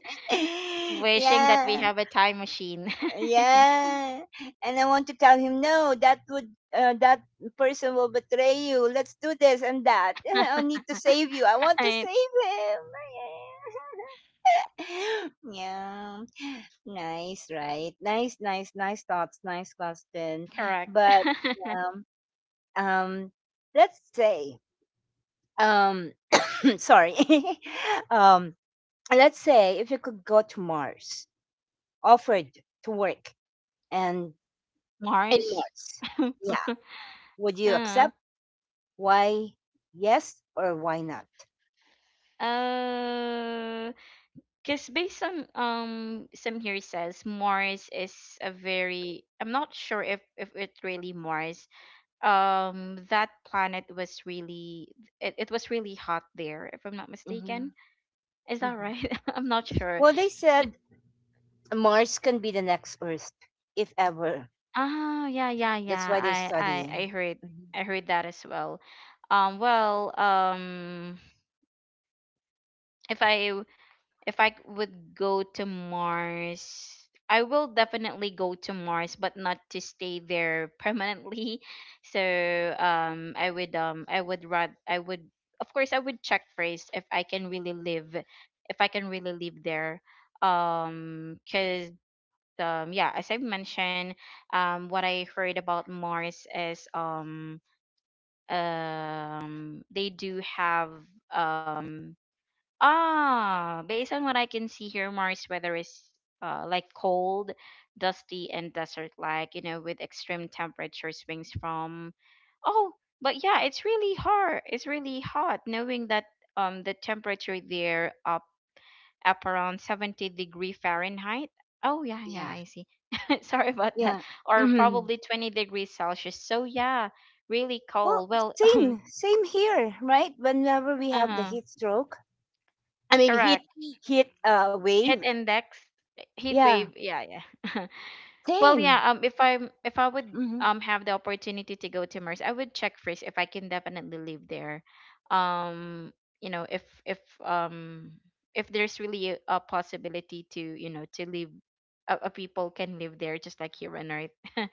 wishing that we yeah, have a time machine. yeah. And I want to tell him, no, that would uh, that person will betray you. Let's do this and that. I need to save you. I want to Right. save him. yeah, nice, right? Nice, nice, nice thoughts, nice question. Correct. But um, um, let's say, um, sorry, um, let's say if you could go to Mars, offered to work and in Mars. Mars, yeah, would you uh, accept? Why yes or why not? uh, cause based on um some here says Mars is a very, I'm not sure if if it's really Mars um that planet was really it, it was really hot there if I'm not hmm mistaken, is that hmm right? I'm not sure. Well, they But said Mars can be the next Earth, if ever. ah, yeah, yeah, That's yeah. why they're I, I I studying. heard, Mhm. i heard that as well. um well um if i if I would go to Mars, I will definitely go to Mars, but not to stay there permanently. So um, I would, um, I would rather, I would, of course, I would check first if I can really live, if I can really live there, um, cause, um, yeah, as I mentioned, um, what I heard about Mars is um um they do have um Ah, based on what I can see here, Mars weather is uh, like cold, dusty, and desert-like, you know, with extreme temperature swings from. Oh, but yeah, it's really hard. It's really hot, knowing that um the temperature there up up around seventy degree Fahrenheit. Oh yeah, yeah, Yeah, I see. Sorry about that. yeah. Or hmm probably twenty degrees Celsius. So yeah, really Well, cold. Well, um, same, same here, right? Whenever we have the uh-huh, heat stroke, I mean, hit correct. hit uh, wave. Hit index, heat Yeah, wave. Yeah, yeah. Well, same. yeah. Um, if I'm if I would hmm um have the opportunity to go to Mars, I would check first if I can definitely live there. Um, you know, if if um if there's really a, a possibility to, you know, to live, a, a people can live there just like here on Earth.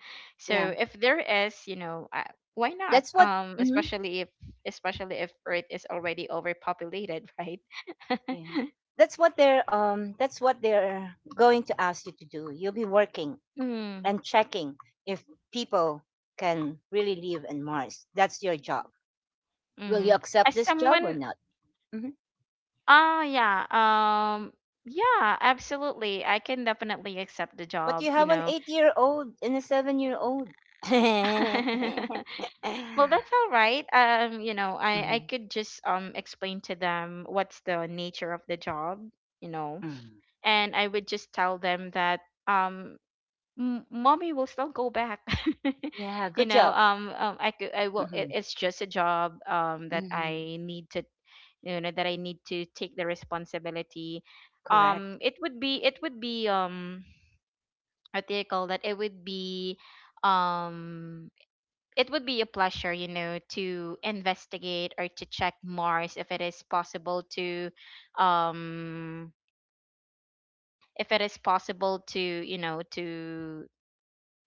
Yeah, So if there is, you know, uh, why not? that's what. Um, hmm especially if especially if Earth is already overpopulated, right? Yeah, that's what they're um. That's what they're going to ask you to do. You'll be working Mm, and checking if people can really live in Mars. That's your job. Will you mm-hmm. accept As this job or someone not? hmm ah yeah. Um yeah, absolutely. I can definitely accept the But you job, you have an know. eight-year-old and a seven-year-old. Well, that's all right. Um, you know, I I Mhm. could just um explain to them what's the nature of the job, you know. Mm. And I would just tell them that um m- mommy will still go back. Yeah, You good know, job. um, um I could I will it, Mhm. it's just a job um that Mhm. I need to, you know, that I need to take the responsibility. um Correct. It would be, it would be, um what do you call that, it would be, um it would be a pleasure, you know, to investigate or to check Mars if it is possible to, um if it is possible to, you know, to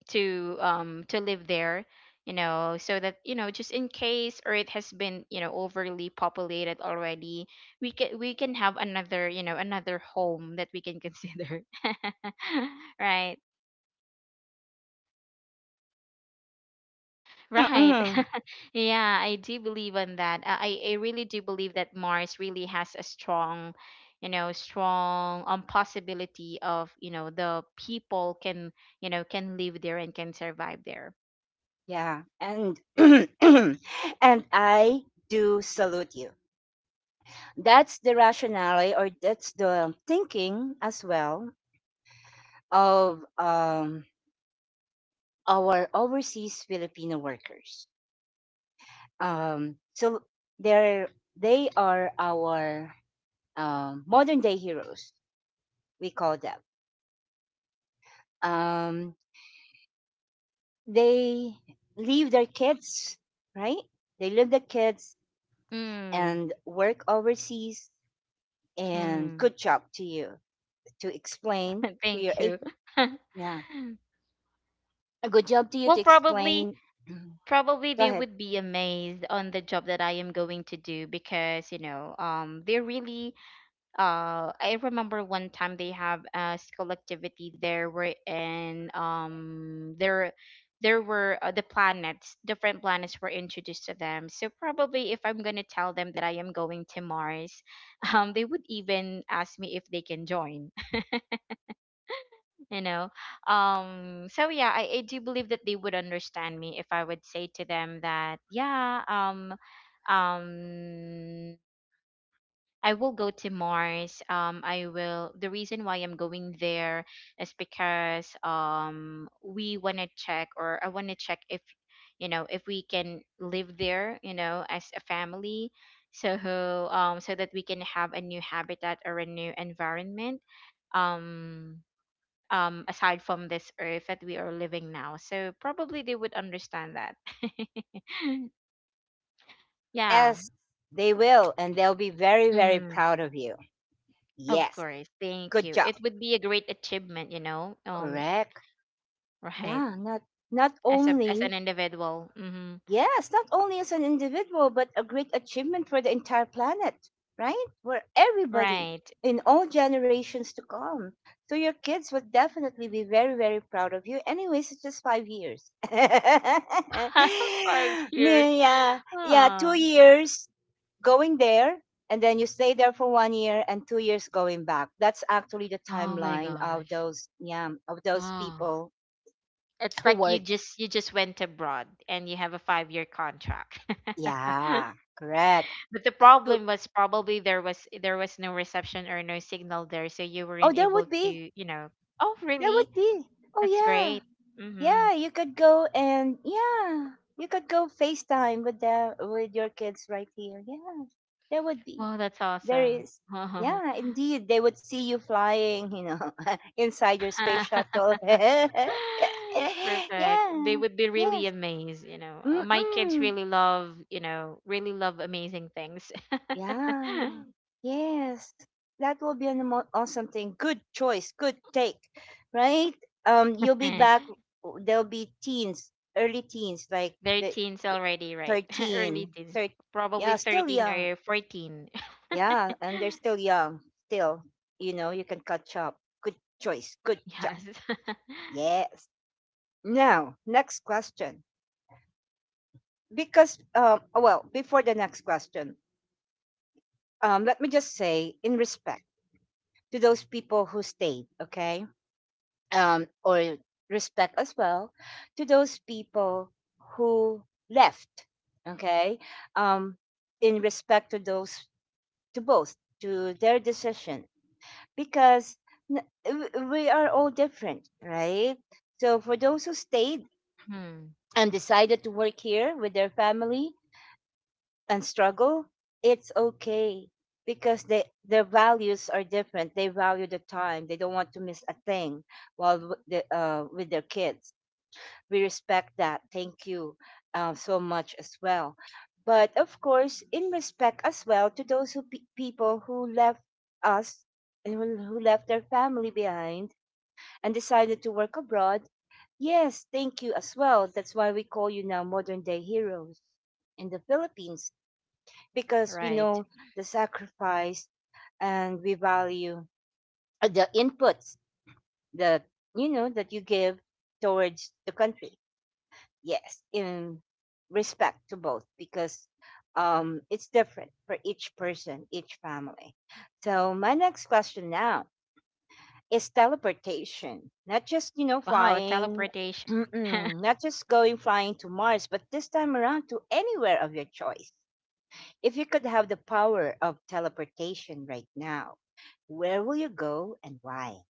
to um to live there, you know, so that, you know, just in case Earth has been, you know, overly populated already, we can, we can have another, you know, another home that we can consider. Right, right. Mm-mm. Yeah, I do believe on that. Uh, I I really do believe that Mars really has a strong, you know, strong um possibility of, you know, the people can, you know, can live there and can survive there. Yeah, and and I do salute you. That's the rationale or that's the thinking as well of um, our overseas Filipino workers. Um, so they're they are our um, modern day heroes. We call them. Um, they leave their kids, right? They leave the kids Mm, and work overseas. And mm. good job to you to explain to your Thank you. eight. Yeah. A good job to you well, to probably explain. probably Go they ahead. would be amazed on the job that I am going to do because, you know, um they really uh I remember one time they have a school activity there where and um there there were uh, the planets, different planets were introduced to them. So probably if I'm going to tell them that I am going to Mars, um they would even ask me if they can join, you know um so yeah, I, I do believe that they would understand me if I would say to them that yeah, um um I will go to Mars. Um I will The reason why I'm going there is because um we want to check, or I want to check if, you know, if we can live there, you know, as a family. So um so that we can have a new habitat or a new environment, um um aside from this earth that we are living now. So probably they would understand that. Yeah. Yes, they will. And they'll be very, very Mm, proud of you. of Yes. course. Thank Good you. job. It would be a great achievement, you know. um Correct. Right. Yeah. Not, not As a as an only individual. Mm-hmm. Yes, not only as an individual, but a great achievement for the entire planet, right? For everybody Right. in all generations to come. So your kids would definitely be very, very proud of you. Anyways, it's just five years. Five years. Me, yeah, yeah, two Oh. years going there, and then you stay there for one year, and two years going back. That's actually the Oh my timeline of gosh. those, yeah, of those Oh, people it's who like you work. just, you just went abroad and you have a five year contract. Yeah, correct. But the To, problem was probably there was, there was no reception or no signal there, so you Oh, weren't there able would to, be. you know. Oh, That really? would be. Oh That's yeah, great. Mm-hmm. yeah. You could go and yeah, you could go FaceTime with the with your kids right here. Yeah, that would be. Wow, that's There awesome. is. Yeah, indeed, they would see you flying. You know, inside your space shuttle. yeah. Perfect. They would be really Yes. amazed, you know. Uh, Mm My kids mm. really love, you know, really love amazing things. Yeah. Yes. That will be an amo- awesome thing. Good choice. Good take. Right? Um, you'll be Eh, back. There'll be teens, early teens, like They're the teens the already, right? Early thirteen, teens, thirteen. probably Yeah, still thirteen young. or fourteen. Yeah, and they're still young. Still, you know, you can catch up. Good choice. Good job. Yes. Yes. Now, next question. Because, um, well, before the next question, um, let me just say in respect to those people who stayed, okay? Um, or respect as well to those people who left, okay? Um, in respect to those, to both, to their decision, because n- w- we are all different, right? So for those who stayed Hmm. and decided to work here with their family, and struggle, it's okay because they their values are different. They value the time. They don't want to miss a thing while w- the, uh, with their kids. We respect that. Thank you uh, so much as well. But of course, in respect as well to those who pe- people who left us and who who left their family behind and decided to work abroad. Yes, thank you as well. That's why we call you now modern day heroes in the Philippines because we Right. know the sacrifice and we value uh, the inputs that you know that you give towards the country. Yes, in respect to both because um, it's different for each person, each family. So my next question now is teleportation, not just you know Wow, flying. teleportation. not just going flying to Mars, but this time around to anywhere of your choice. If you could have the power of teleportation right now, where will you go and why?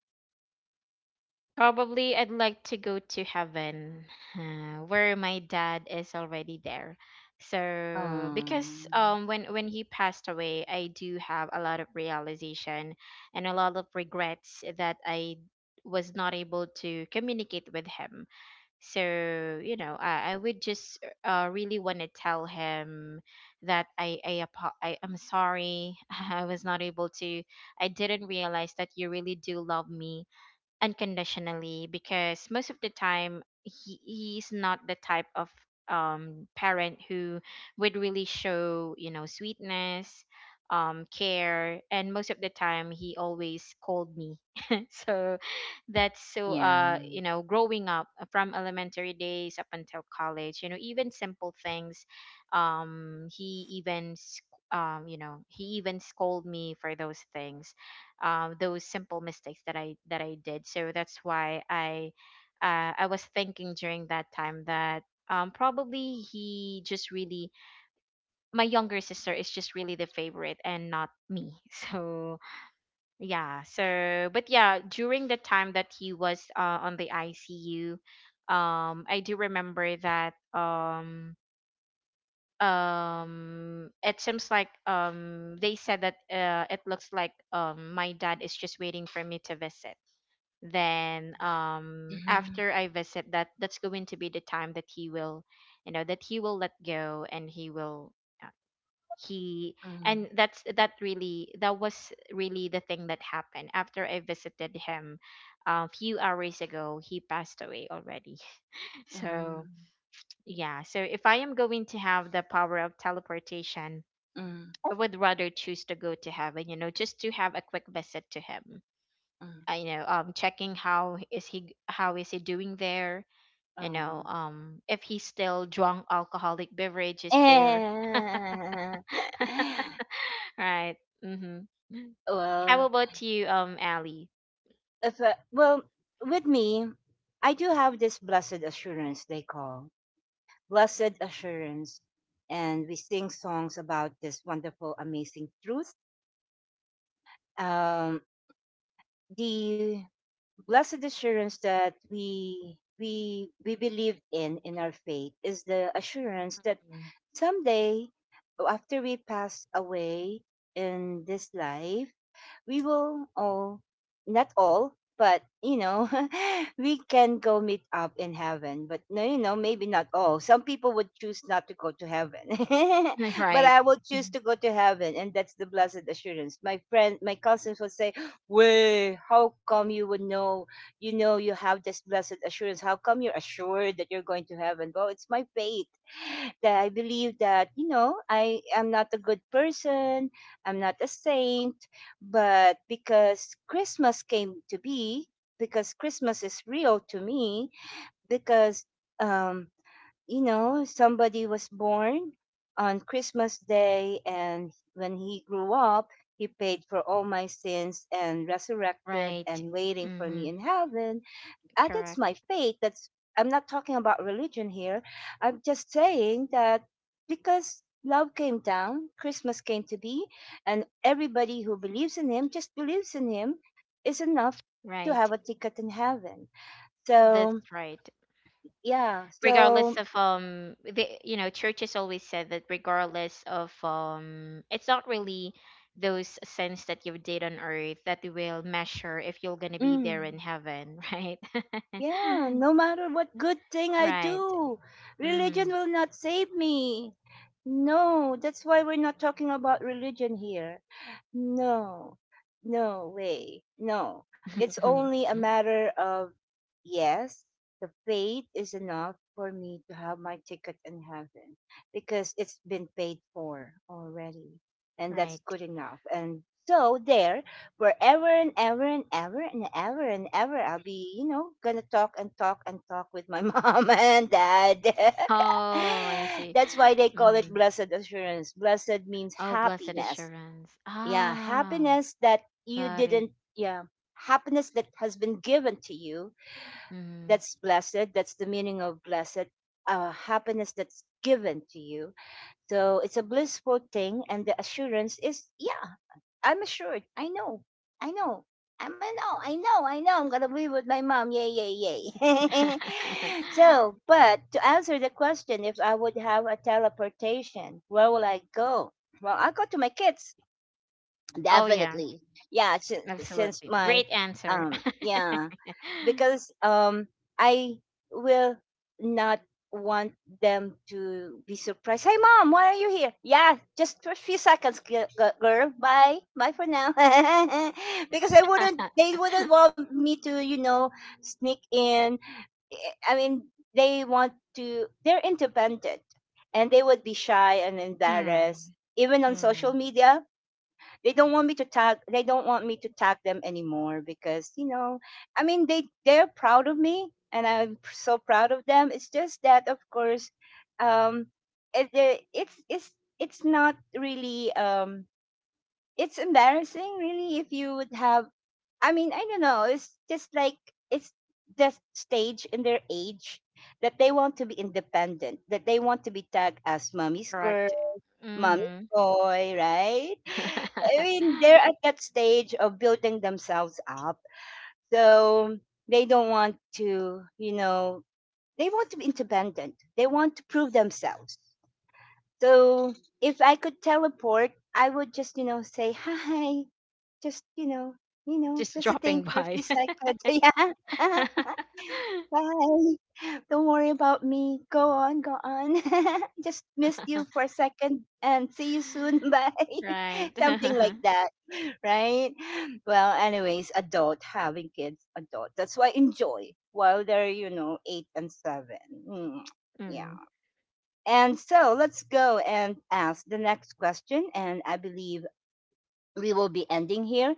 Probably I'd like to go to heaven, uh, where my dad is already there. So because Um, um when when he passed away, I do have a lot of realization and a lot of regrets that I was not able to communicate with him. So, you know, I, I would just uh, really want to tell him that I, I, apo- I I'm sorry. I was not able to. I didn't realize that you really do love me unconditionally, because most of the time he, he's not the type of um parent who would really show, you know, sweetness, um care. And most of the time he always called me. So that's so, uh yeah. you know, growing up, uh, from elementary days up until college, you know, even simple things, um he even sc- um you know, he even scolded me for those things, um, those simple mistakes that I that I did. So that's why I, uh, I was thinking during that time that, um, probably he just really, my younger sister is just really the favorite and not me. So yeah. So but yeah, during the time that he was, uh, on the I C U, um, I do remember that, um um it seems like, um they said that, uh it looks like, um my dad is just waiting for me to visit. Then, um Mhm, after I visit, that that's going to be the time that he will, you know, that he will let go and he will, uh, he mm, and that's that, really, that was really the thing that happened. After I visited him a few hours ago, he passed away already. So mm, yeah. So if I am going to have the power of teleportation, mm, I would rather choose to go to heaven, you know, just to have a quick visit to him, mm, uh, you know, um checking how is he, how is he doing there, you know, um. um if he's still drunk alcoholic beverage is there. Right. Mm-hmm. How well, about you, um Ali? if uh, well, with me, I do have this blessed assurance they call blessed assurance, and we sing songs about this wonderful, amazing truth. Um, the blessed assurance that we we we believe in in our faith is the assurance that someday after we pass away in this life we will all, not all, but you know, we can go meet up in heaven. But no, you know, maybe not all. Some people would choose not to go to heaven, Mhm. but Right. I will choose Mhm. to go to heaven, and that's the blessed assurance. My friend, my cousins will say, "Way, how come you would know? You know, you have this blessed assurance. How come you're assured that you're going to heaven?" Well, it's my faith that I believe that you know I am not a good person. I'm not a saint but because Christmas came to be, because Christmas is real to me, because um, you know somebody was born on Christmas Day, and when he grew up, he paid for all my sins and resurrected Right. and waiting for Mm-hmm. me in heaven. Uh, that's Correct. my faith. That's I'm not talking about religion here. I'm just saying that because love came down, Christmas came to be, and everybody who believes in him just believes in him is enough to have Right. a ticket in heaven. So, That's right. yeah. Regardless So, of, um the, you know, churches always said that regardless of, um it's not really those sins that you did on earth that will measure if you're gonna be there mm, in heaven. Right. yeah, no matter what good thing I Right. do, religion Mm. will not save me. No, that's why we're not talking about religion here. No, no way. No. It's only a matter of, yes, the faith is enough for me to have my ticket in heaven because it's been paid for already. And that's Right. good enough. And so there, forever and ever and ever and ever and ever, I'll be, you know, gonna talk and talk and talk with my mom and dad. Oh, I see. That's why they call Hmm. it blessed assurance. Blessed means Oh, blessed happiness. assurance, Yeah. ah. Happiness that you Got it. didn't. Yeah. Happiness that has been given to you. Hmm. That's blessed. That's the meaning of blessed. Uh, happiness that's given to you. So it's a blissful thing, and the assurance is, yeah, I'm assured. I know i know i'm I know i know i know I'm gonna be with my mom. Yay, yay, yay. So, but to answer the question, if I would have a teleportation, where will I go? Well, I go to my kids. Oh yeah, Definitely. Yeah, since since absolutely, my, great answer. um yeah, because um I will not want them to be surprised. Hey mom, why are you here? Yeah, just for a few seconds, gi- gi- girl. Bye. Bye for now. Because I wouldn't they wouldn't want me to, you know, sneak in. I mean, they want to they're independent, and they would be shy and Mm, embarrassed even on mm, social media. They don't want me to tag they don't want me to tag them anymore because, you know I mean, they they're proud of me, and I'm p- so proud of them. It's just that, of course, um it, the- it's it's it's not really, um it's embarrassing really if you would have. I mean, I don't know. It's just like it's the stage in their age that they want to be independent, that they want to be tagged as mommy's girl. correct. Mommy Mm-hmm. boy, right? I mean, they're at that stage of building themselves up. So they don't want to, you know, they want to be independent. They want to prove themselves. So if I could teleport, I would just, you know, say hi, just, you know, you know, Just visiting dropping for a few by. seconds. Yeah. Bye. Don't worry about me. Go on, go on. Just missed you for a second and see you soon. Bye. Right. Something like that, right? Well, anyways, adult having kids, adult. That's why enjoy while they're, you know, eight and seven. Mm, yeah. Mm, And so let's go and ask the next question. And I believe we will be ending here.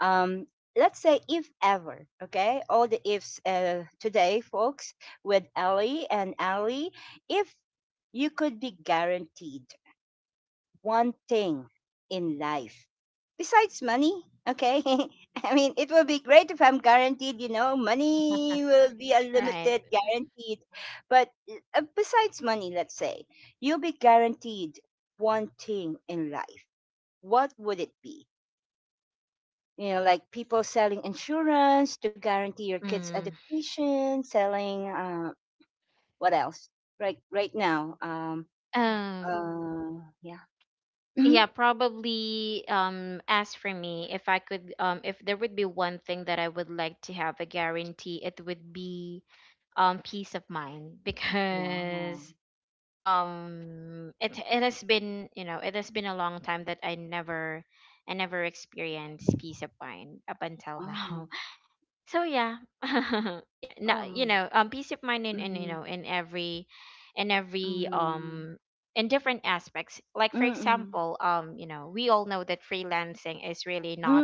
Um, let's say if ever, okay, all the ifs uh, today, folks, with Ellie and Ali, if you could be guaranteed one thing in life besides money, okay. I mean, it will be great if I'm guaranteed, you know, money will be right. unlimited, guaranteed. But uh, besides money, let's say, you'll be guaranteed one thing in life. What would it be? You know, like people selling insurance to guarantee your kids' Mm. education, selling uh, what else? Right, right now. Um, Um, uh, Yeah. Mhm. yeah, probably, um as for me, if I could, um if there would be one thing that I would like to have a guarantee, it would be, um peace of mind. Wow. Because um it, it has been, you know, it has been a long time that i never i never experienced peace of mind up until now. Oh. So yeah. Yeah. no Oh. You know, um peace of mind in, in, you Mm. know, in every in every Mm. um in different aspects. Like, for Mm. example, um you know, we all know that freelancing is really not,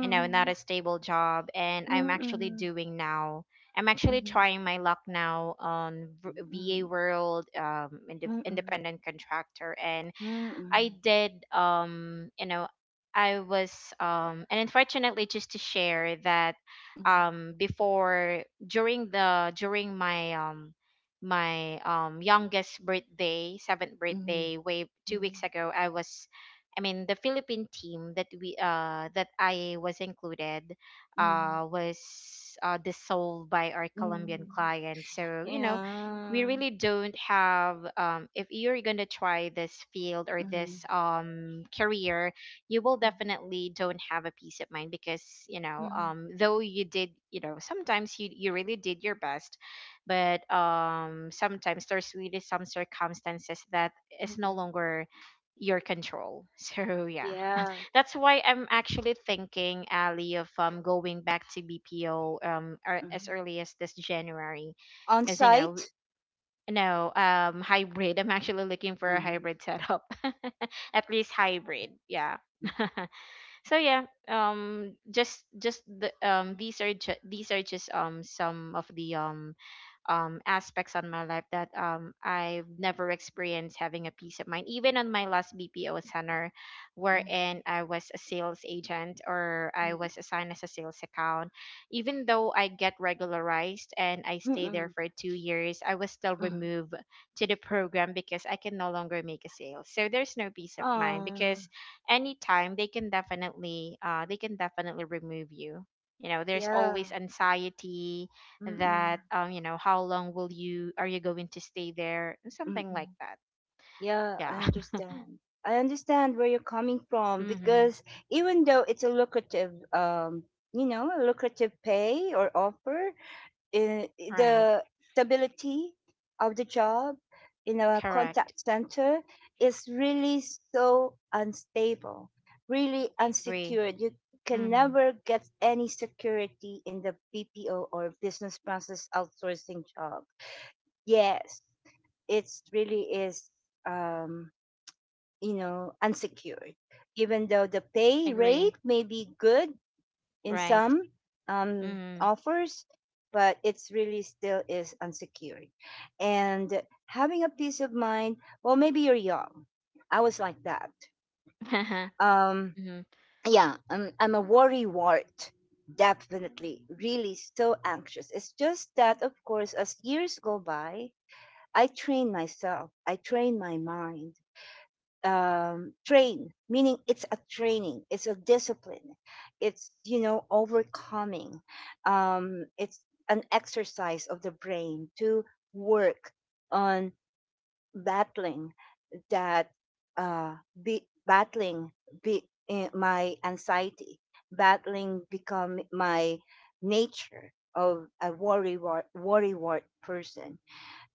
you know, not a stable job. And I'm actually Mm. doing now. I'm actually Mm. trying my luck now on v- VA Mm. world, um, inde Mm. independent contractor. And I Mm. did, um you know, I was um and unfortunately, just to share that, um before, during the during my, um my um youngest birthday, seventh Mm. birthday, way two weeks Mm. ago, I was I mean, the Philippine team that we uh that I was included, Mm. uh was uh dissolved by our Colombian Mm. client. So, you know, we Yeah. really don't have, um, if you're going to try this field or Mm. this, um, career, you will Mm. definitely don't have a peace of mind, because, you know, um, though you did, you know, sometimes you, you really did your best, but, um, sometimes there's really some circumstances that is no Mm. longer your control. So yeah, Yeah. that's why I'm actually thinking, Ali, of, um, going back to BPO, um, or as Mhm. early as this January, because you know, On-site? no, um, hybrid. I'm actually looking for a Mhm. hybrid setup. At least hybrid. Yeah. So yeah, um just just the um these are ju- these are just, um some of the, um um, aspects on my life that, um, I've never experienced having a peace of mind. Even on my last B P O center, Hmm. wherein I was a sales agent, or I Hmm. was assigned as a sales account, even though I get regularized and I stay Hmm. there for two years, I was still Hmm. removed to the program because I can no longer make a sale. So there's no peace of mind, Aw, because anytime they can definitely, uh, they can definitely remove you. You know, there's always yeah. anxiety Mm-mm. that, um you know, how long will you, are you going to stay there, something like Mm-mm. that. Yeah, I Yeah. understand. I understand where you're coming from Mm-hmm. because even though it's a lucrative, um, you know, a lucrative pay or offer, in Right. the stability of the job in a Correct. contact center is really so unstable, really I agree. unsecured. You can Mm-hmm. never get any security in the B P O or business process outsourcing job. Yes, it's really is, um, you know unsecured. Even though the pay rate Agree. may be good, in Right. some, um, Mm-hmm. offers, but it's really still is unsecured. And having a peace of mind, well, maybe you're young. I was like that. Um, Mm-hmm. yeah, I'm, I'm a worry wart. Definitely, really so anxious. It's just that, of course, as years go by, I train myself, I train my mind, um, train, meaning it's a training, it's a discipline, it's, you know overcoming, um, it's an exercise of the brain to work on battling that, uh, be, battling be, eh, my anxiety, battling become my nature of a worry worry person.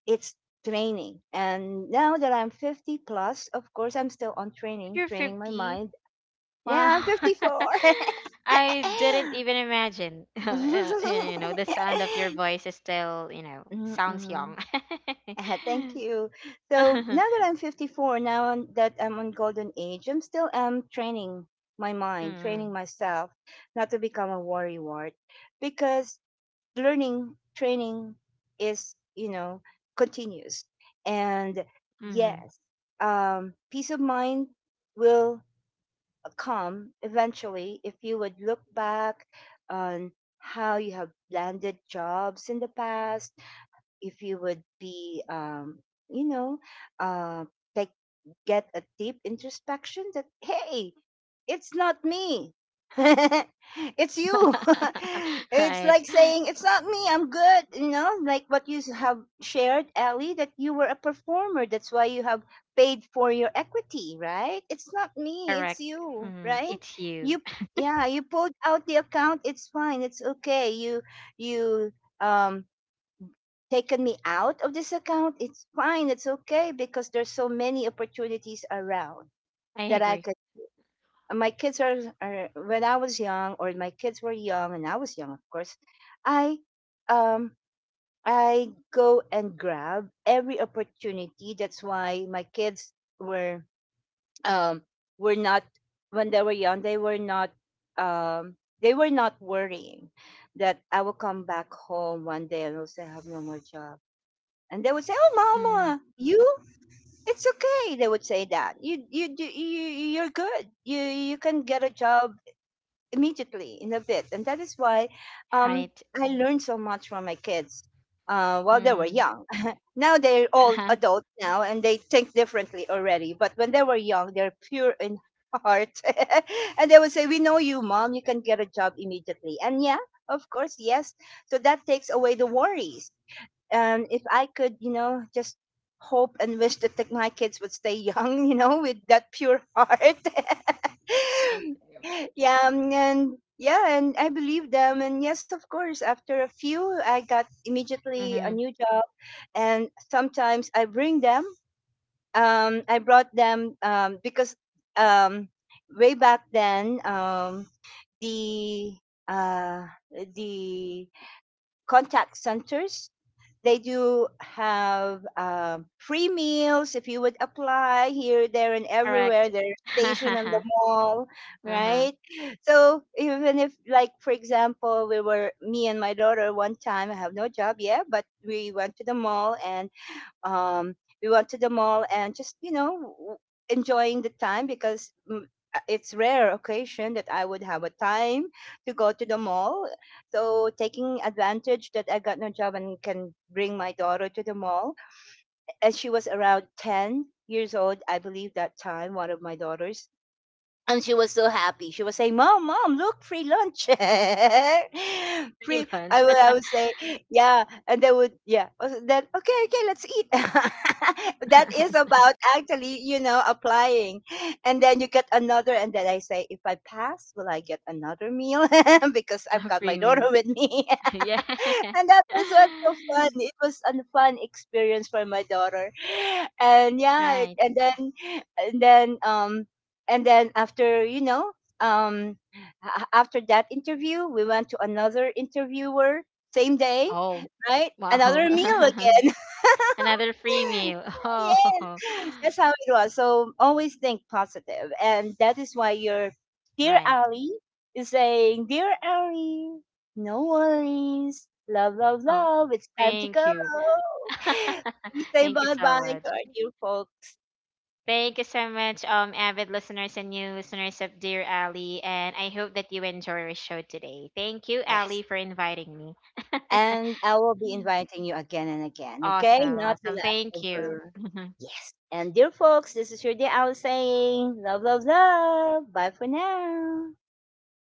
It's training. And now that I'm fifty plus, of course, I'm still on training, You're training my fifty? mind. Wow. Yeah, I'm fifty-four. I didn't even imagine. Uh, you know, the sound of your voice is still, you know, sounds Mm-mm. young. Thank you. So now that I'm fifty-four, now on, that I'm on golden age, I'm still um, training my mind, Mm-hmm. training myself not to become a worrywart because learning training is, you know continuous, and yes, um, peace of mind will come eventually if you would look back on how you have landed jobs in the past, if you would be um you know uh like, get a deep introspection that, hey, it's not me. It's you. It's Right. like saying it's not me, I'm good. You know, like what you s- have shared, Ellie, that you were a performer. That's why you have paid for your equity, right? It's not me, it's Correct. you, Mm, right? it's you. You. Yeah, you pulled out the account. It's fine, it's okay. you you um taken me out of this account, it's fine, it's okay because there's so many opportunities around I that I agree. could. My kids are, are when I was young, or my kids were young, and I was young, of course. I um I go and grab every opportunity. That's why my kids were, um were not when they were young. They were not um they were not worrying that I will come back home one day and also have no more job, and they would say, "Oh, Mm, mama, you, it's okay." They would say that you, you, do- you, you're good. You, you can get a job immediately in a bit, and that is why, right. um, I learned so much from my kids, uh, while they were Mm, young. Now they're all adults now, and they think differently already. But when they were young, they're pure in heart. And they would say, "We know you, mom. You can get a job immediately." And yeah, of course, yes. So that takes away the worries, um, if I could, you know, just hope and wish that like, my kids would stay young, you know, with that pure heart. right. Yeah, um, and yeah, and I believe them. And yes, of course, after a few, I got immediately a Mm-hmm. new job. And sometimes I bring them. Um, I brought them, um, because, um, way back then, um, the uh, the contact centers, they do have, um, free meals if you would apply here, there, and everywhere. Correct. They're stationed in the mall, Uh-huh. right? So even if, like, for example, we were me and my daughter one time. I have no job yet, but we went to the mall and, um, we went to the mall and just you know w- enjoying the time because, mm, uh, it's rare occasion that I would have a time to go to the mall. So taking advantage that I got no job and can bring my daughter to the mall, and she was around ten years old, I believe that time, one of my daughters. And she was so happy. She was saying, "Mom, mom, look, free lunch." Free Free. I lunch. would, I would say, "Yeah," and they would, yeah. Also then, okay, okay, let's eat. That is about actually, you know, applying, and then you get another. And then I say, "If I pass, will I get another meal?" Because I've got my daughter Premium. with me. Yeah. And that was was so fun. It was a fun experience for my daughter, and yeah, it- Right. and then and then um and then after you know um a- after that interview, we went to another interviewer same day, Oh, right? Another wow. meal again. Another free meal. Oh, Yes, that's how it was. So always think positive, and that is why your dear right. Ali is saying, "Dear Ali, no worries, love, love, Oh, love. It's time to thank go. you. We say Thank you bye so bye much. to our dear folks. Thank you so much, um, avid listeners and new listeners of Dear Ali, and I hope that you enjoy our show today. Thank you, Ali, Yes, for inviting me. and I will be inviting you again and again. Okay, Awesome, not the awesome. Thank last you. over. Yes, and dear folks, this is your dear Ali saying, love, love, love. Bye for now." Bye for